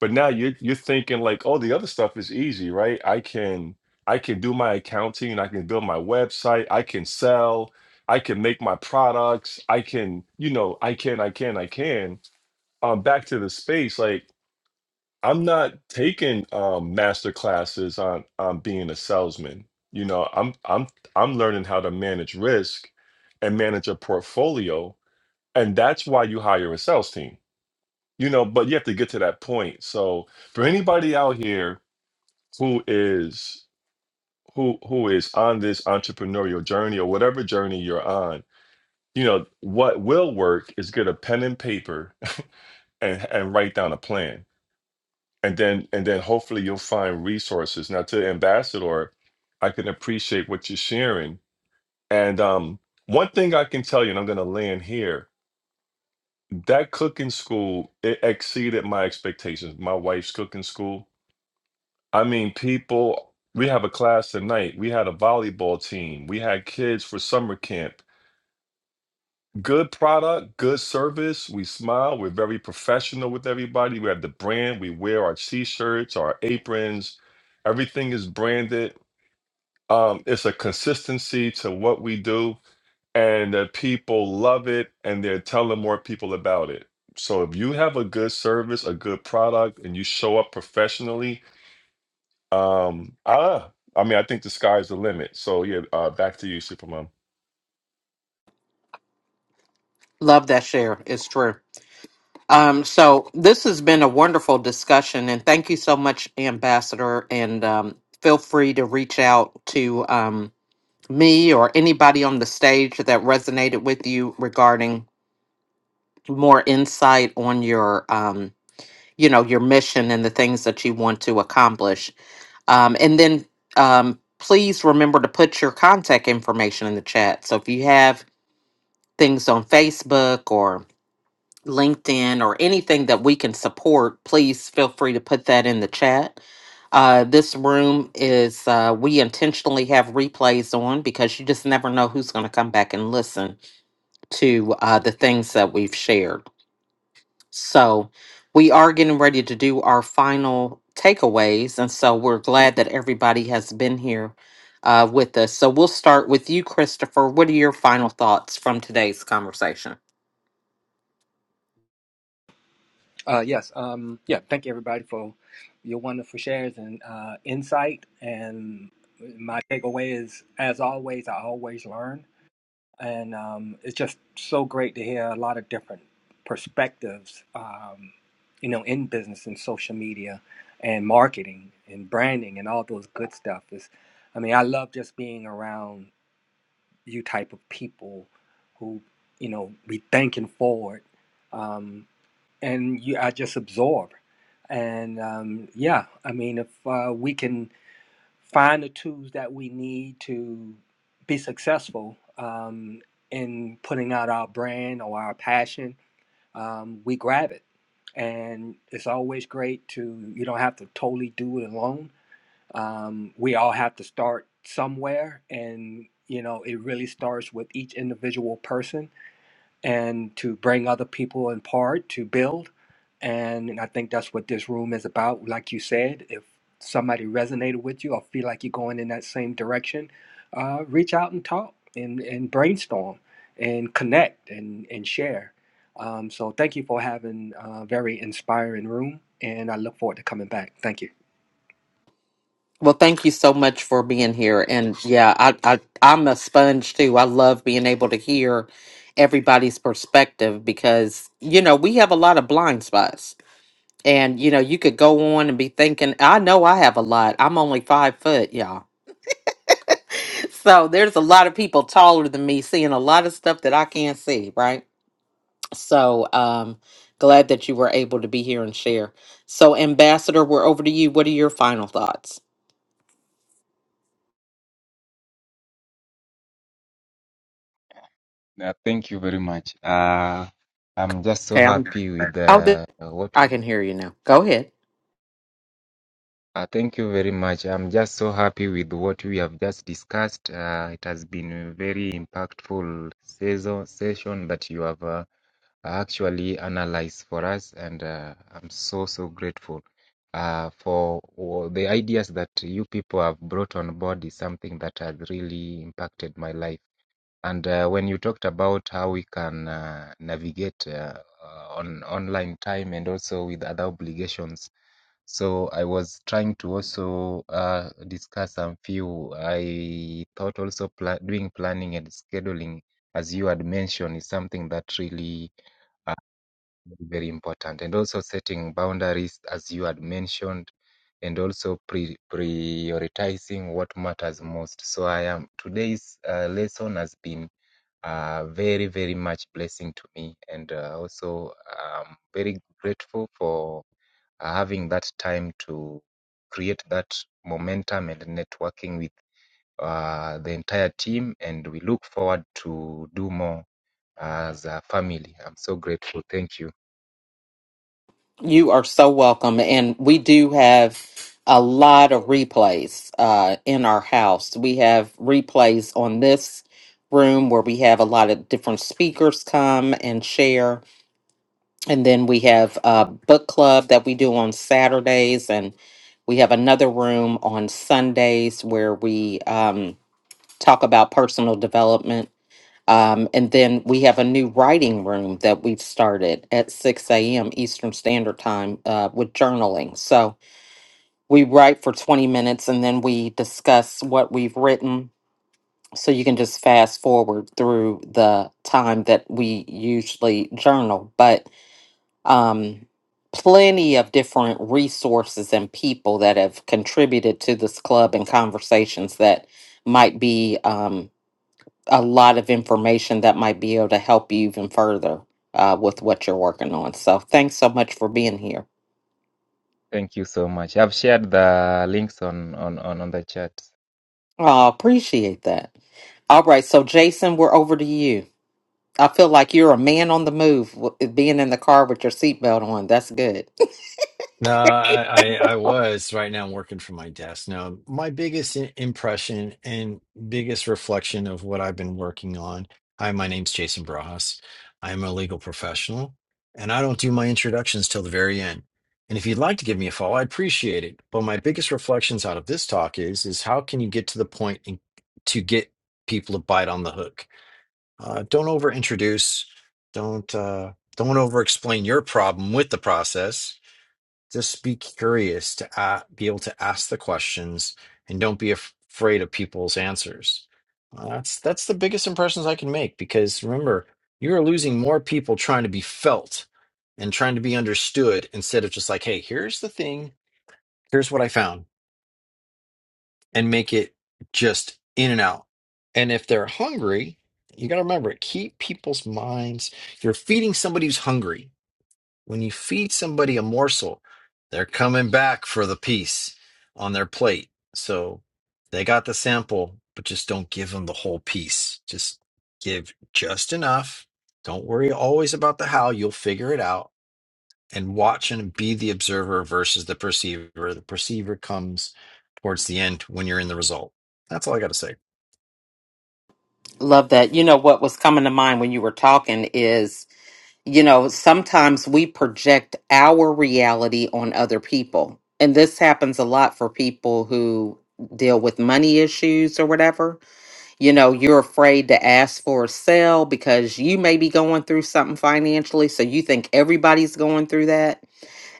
B: but now you're you're thinking like oh the other stuff is easy right i can i can do my accounting i can build my website i can sell i can make my products i can you know i can i can i can um back to the space like i'm not taking um master classes on on being a salesman you know i'm i'm i'm learning how to manage risk and manage a portfolio and that's why you hire a sales team you know but you have to get to that point so for anybody out here who is who who is on this entrepreneurial journey or whatever journey you're on you know what will work is get a pen and paper and and write down a plan and then and then hopefully you'll find resources now to ambassador i can appreciate what you're sharing and um one thing i can tell you and i'm going to land here that cooking school it exceeded my expectations my wife's cooking school I mean, people, we have a class tonight. We had a volleyball team. We had kids for summer camp. Good product, good service. We smile. We're very professional with everybody. We have the brand. We wear our t shirts, our aprons. Everything is branded. Um, it's a consistency to what we do, and the people love it, and they're telling more people about it. So if you have a good service, a good product, and you show up professionally, Um, ah, I mean, I think the sky's the limit. So yeah, uh, back to you, Supermom.
A: Love that share. It's true. Um, so this has been a wonderful discussion, and thank you so much, Ambassador. And um, feel free to reach out to um, me or anybody on the stage that resonated with you regarding more insight on your, um, you know, your mission and the things that you want to accomplish. Um, and then um, please remember to put your contact information in the chat. So if you have things on Facebook or LinkedIn or anything that we can support, please feel free to put that in the chat. Uh, this room is, uh, we intentionally have replays on because you just never know who's going to come back and listen to uh, the things that we've shared. So we are getting ready to do our final takeaways. And so we're glad that everybody has been here uh, with us. So we'll start with you, Christopher. What are your final thoughts from today's conversation?
E: Uh, yes. Um, yeah. Thank you, everybody, for your wonderful shares and uh, insight. And my takeaway is, as always, I always learn, and um, it's just so great to hear a lot of different perspectives. Um, you know, in business and social media, and marketing and branding and all those good stuff. Is, I mean, I love just being around you type of people who, you know, be thinking forward. Um, and you I just absorb. And um, yeah, I mean, if uh, we can find the tools that we need to be successful um, in putting out our brand or our passion, um, we grab it. And it's always great to you don't have to totally do it alone. Um, we all have to start somewhere, and you know, it really starts with each individual person and to bring other people in part to build. And and I think that's what this room is about. Like you said, if somebody resonated with you or feel like you're going in that same direction, uh, reach out and talk and, and brainstorm and connect and, and share. Um, so thank you for having a very inspiring room and I look forward to coming back. Thank you.
A: Well, thank you so much for being here. And yeah, I, I I'm a sponge too. I love being able to hear everybody's perspective because you know we have a lot of blind spots. And you know you could go on and be thinking, I know I have a lot. I'm only five foot, y'all. So there's a lot of people taller than me seeing a lot of stuff that I can't see. Right. So um, glad that you were able to be here and share. So Ambassador, we're over to you. What are your final thoughts?
F: Uh, thank you very much. Uh, I'm just so
A: Okay, I'm
F: happy with
A: Oh, th-
F: uh, what.
A: I can hear you now. Go ahead.
F: Uh, thank you very much. I'm just so happy with what we have just discussed. Uh, it has been a very impactful season, session that you have. Uh, uh, actually analyze for us and uh, i'm so so grateful uh, for all the ideas that you people have brought on board is something that has really impacted my life and uh, when you talked about how we can uh, navigate uh, uh, on online time and also with other obligations so i was trying to also uh, discuss some few i thought also pla- doing planning and scheduling as you had mentioned is something that really uh, very important and also setting boundaries as you had mentioned and also pre- prioritizing what matters most so i am today's uh, lesson has been uh, very very much blessing to me and uh, also i'm very grateful for uh, having that time to create that momentum and networking with uh, the entire team and we look forward to do more as a family i'm so grateful thank you
A: You are so welcome. And we do have a lot of replays uh, in our house. We have replays on this room where we have a lot of different speakers come and share. And then we have a book club that we do on Saturdays. And we have another room on Sundays where we um, talk about personal development Um, and then we have a new writing room that we've started at 6 a.m. Eastern Standard Time uh, with journaling. So we write for 20 minutes and then we discuss what we've written. So you can just fast forward through the time that we usually journal. But um, plenty of different resources and people that have contributed to this club and conversations that might be. Um, a lot of information that might be able to help you even further uh, with what you're working on. So thanks so much for being here.
F: Thank you so much. I've shared the links on on on, on the chat.
A: I appreciate that. All right, so Jason, we're over to you. I feel like you're a man on the move, w- eh, being in the car with your seatbelt on. That's good.
D: No, I, I I was right now working from my desk. Now, my biggest i- impression and biggest reflection of what I've been working on. Hi, my name's Jason Brajas. I'm a legal professional, and I don't do my introductions till the very end. And if you'd like to give me a follow, I appreciate it. But my biggest reflections out of this talk is is how can you get to the point and to get people to bite on the hook? Uh, don't over introduce. Don't uh, don't over explain your problem with the process just be curious to a be able to ask the questions and don't be af- afraid of people's answers Uh, that's that's the biggest impressions i can make because remember you're losing more people trying to be felt and trying to be understood instead of just like hey here's the thing here's what i found and make it just in and out and if they're hungry you got to remember keep people's minds you're feeding somebody who's hungry when you feed somebody a morsel, they're coming back for the piece on their plate. So they got the sample, but just don't give them the whole piece. Just give just enough. Don't worry always about the how, you'll figure it out. And watch and be the observer versus the perceiver. The perceiver comes towards the end when you're in the result. That's all I got to say.
A: Love that. You know what was coming to mind when you were talking is, you know, sometimes we project our reality on other people, and this happens a lot for people who deal with money issues or whatever you know you're afraid to ask for a sale because you may be going through something financially so you think everybody's going through that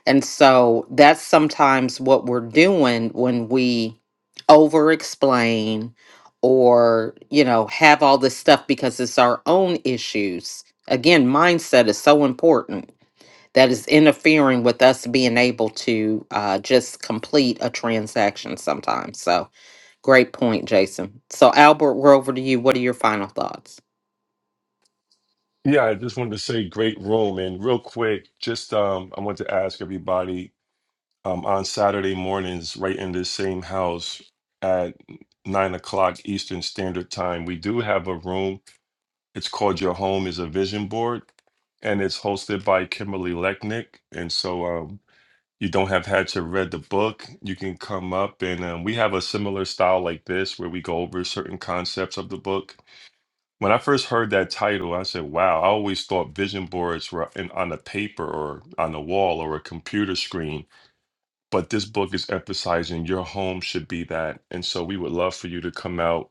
A: and so that's sometimes what we're doing when we over explain or you know have all this stuff because it's our own issues again mindset is so important that is interfering with us being able to uh, just complete a transaction sometimes. So, great point, Jason. So, Albert, we're over to you. What are your final thoughts?
B: Yeah, I just wanted to say great room. And real quick, just um, I want to ask everybody um, on Saturday mornings, right in this same house at nine o'clock Eastern Standard Time, we have a room. It's called Your Home is a Vision Board, and it's hosted by Kimberly Lechnick. And so um, you don't have had to read the book, you can come up and um, we have a similar style like this where we go over certain concepts of the book When I first heard that title, I said, wow, I always thought vision boards were in, on a paper or on a wall or a computer screen. But this book is emphasizing your home should be that. And so we would love for you to come out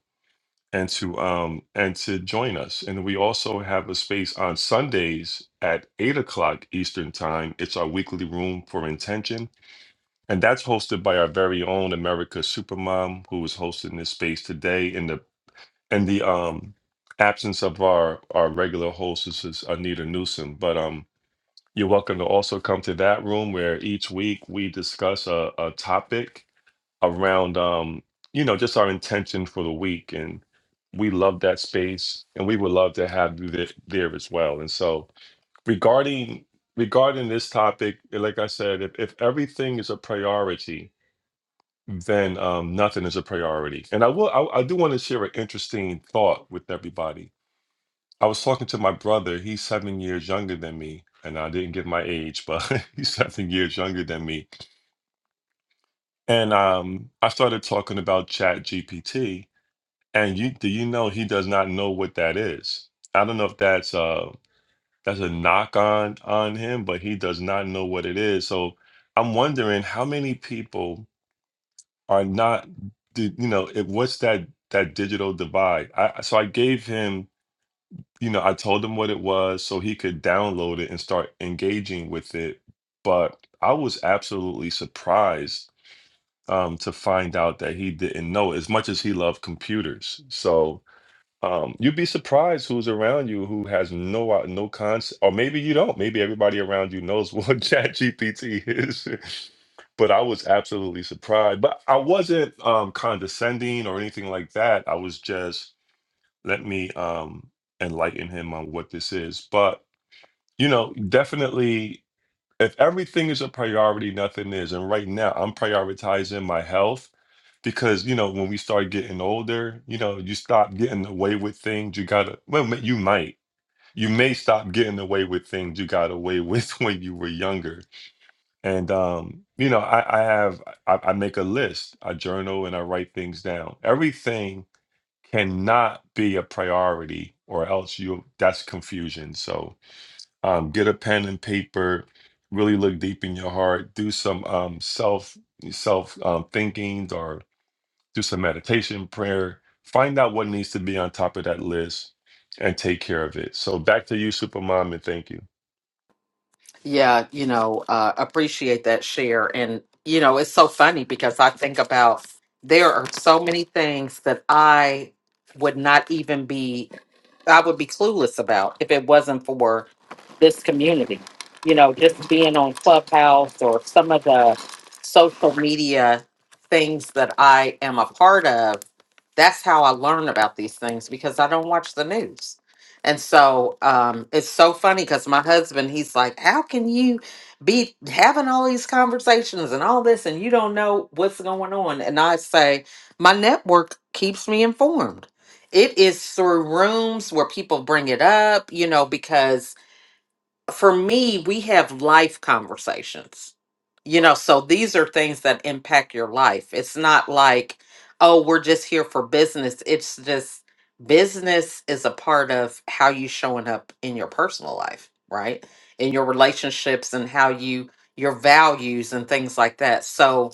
B: and to um and to join us. And we also have a space on Sundays at eight o'clock Eastern time. It's our weekly room for intention. And that's hosted by our very own America Supermom, who is hosting this space today. And the and the um absence of our our regular hostess is Anita Newsom. But um, you're welcome to also come to that room where each week we discuss a, a topic around um, you know, just our intention for the week, and we love that space, and we would love to have you there, there as well. And so regarding regarding this topic, like I said, if, if everything is a priority then um, nothing is a priority. And I will, I, I do want to share an interesting thought with everybody I was talking to my brother. He's seven years younger than me, and I didn't give my age, but he's seven years younger than me. And um, I started talking about Chat GPT, and you do you know he does not know what that is? I don't know if that's uh that's a knock on on him, but he does not know what it is. So I'm wondering how many people are not, do- you know, it, what's that that digital divide? I, so I gave him you know, I told him what it was so he could download it and start engaging with it. But I was absolutely surprised um, to find out that he didn't know as much as he loved computers. So um, you'd be surprised who's around you who has no i- no concept, or maybe you don't. Maybe everybody around you knows what ChatGPT is. But I was absolutely surprised. But I wasn't um, condescending or anything like that. I was just let me um enlighten him on what this is but you know definitely if everything is a priority nothing is and right now i'm prioritizing my health because you know when we start getting older you know you stop getting away with things you gotta well ma- you might you may stop getting away with things you got away with when you were younger and um you know i i have i, I make a list i journal and i write things down everything cannot be a priority or else you that's confusion so um, get a pen and paper really look deep in your heart do some um, self self um, thinking or do some meditation prayer find out what needs to be on top of that list and take care of it so back to you supermom and thank you
A: Yeah, you know, uh, appreciate that share. And, you know, it's so funny because I think about there are so many things that I would not even be, I would be clueless about if it wasn't for this community. You know, just being on Clubhouse or some of the social media things that I am a part of, that's how I learn about these things because I don't watch the news and so um, it's so funny because my husband, he's like, How can you be having all these conversations and all this and you don't know what's going on? And I say, My network keeps me informed. It is through rooms where people bring it up, you know, because for me, we have life conversations. You know, so these are things that impact your life. It's not like, oh, we're just here for business. It's just business is a part of how you showing up in your personal life, right? In your relationships and how you your values and things like that. So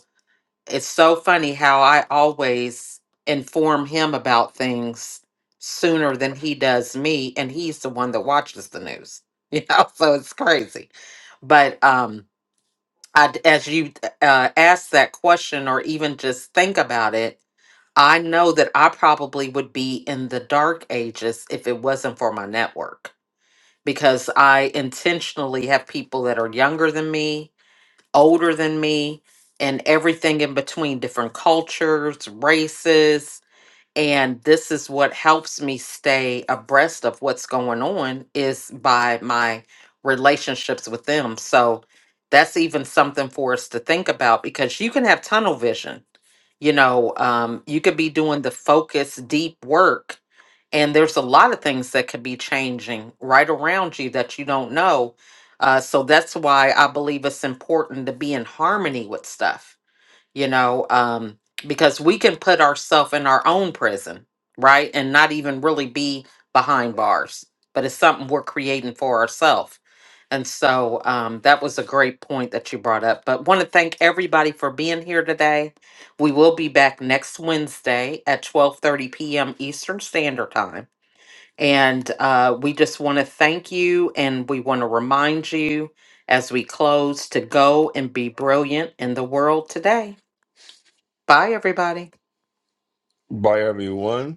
A: it's so funny how I always inform him about things sooner than he does me, and he's the one that watches the news. You know, so it's crazy. But um, I, d- as you uh, ask that question, or even just think about it, I know that I probably would be in the dark ages if it wasn't for my network because I intentionally have people that are younger than me older than me and everything in between different cultures, races, and this is what helps me stay abreast of what's going on is by my relationships with them. So that's even something for us to think about because you can have tunnel vision. You know, um, you could be doing the focused deep work, and there's a lot of things that could be changing right around you that you don't know uh, so that's why i believe it's important to be in harmony with stuff you know um, because we can put ourselves in our own prison right and not even really be behind bars but it's something we're creating for ourselves and so um, that was a great point that you brought up but want to thank everybody for being here today we will be back next wednesday at 12.30 p.m eastern standard time and uh, we just want to thank you and we want to remind you as we close to go and be brilliant in the world today. Bye, everybody.
B: bye everyone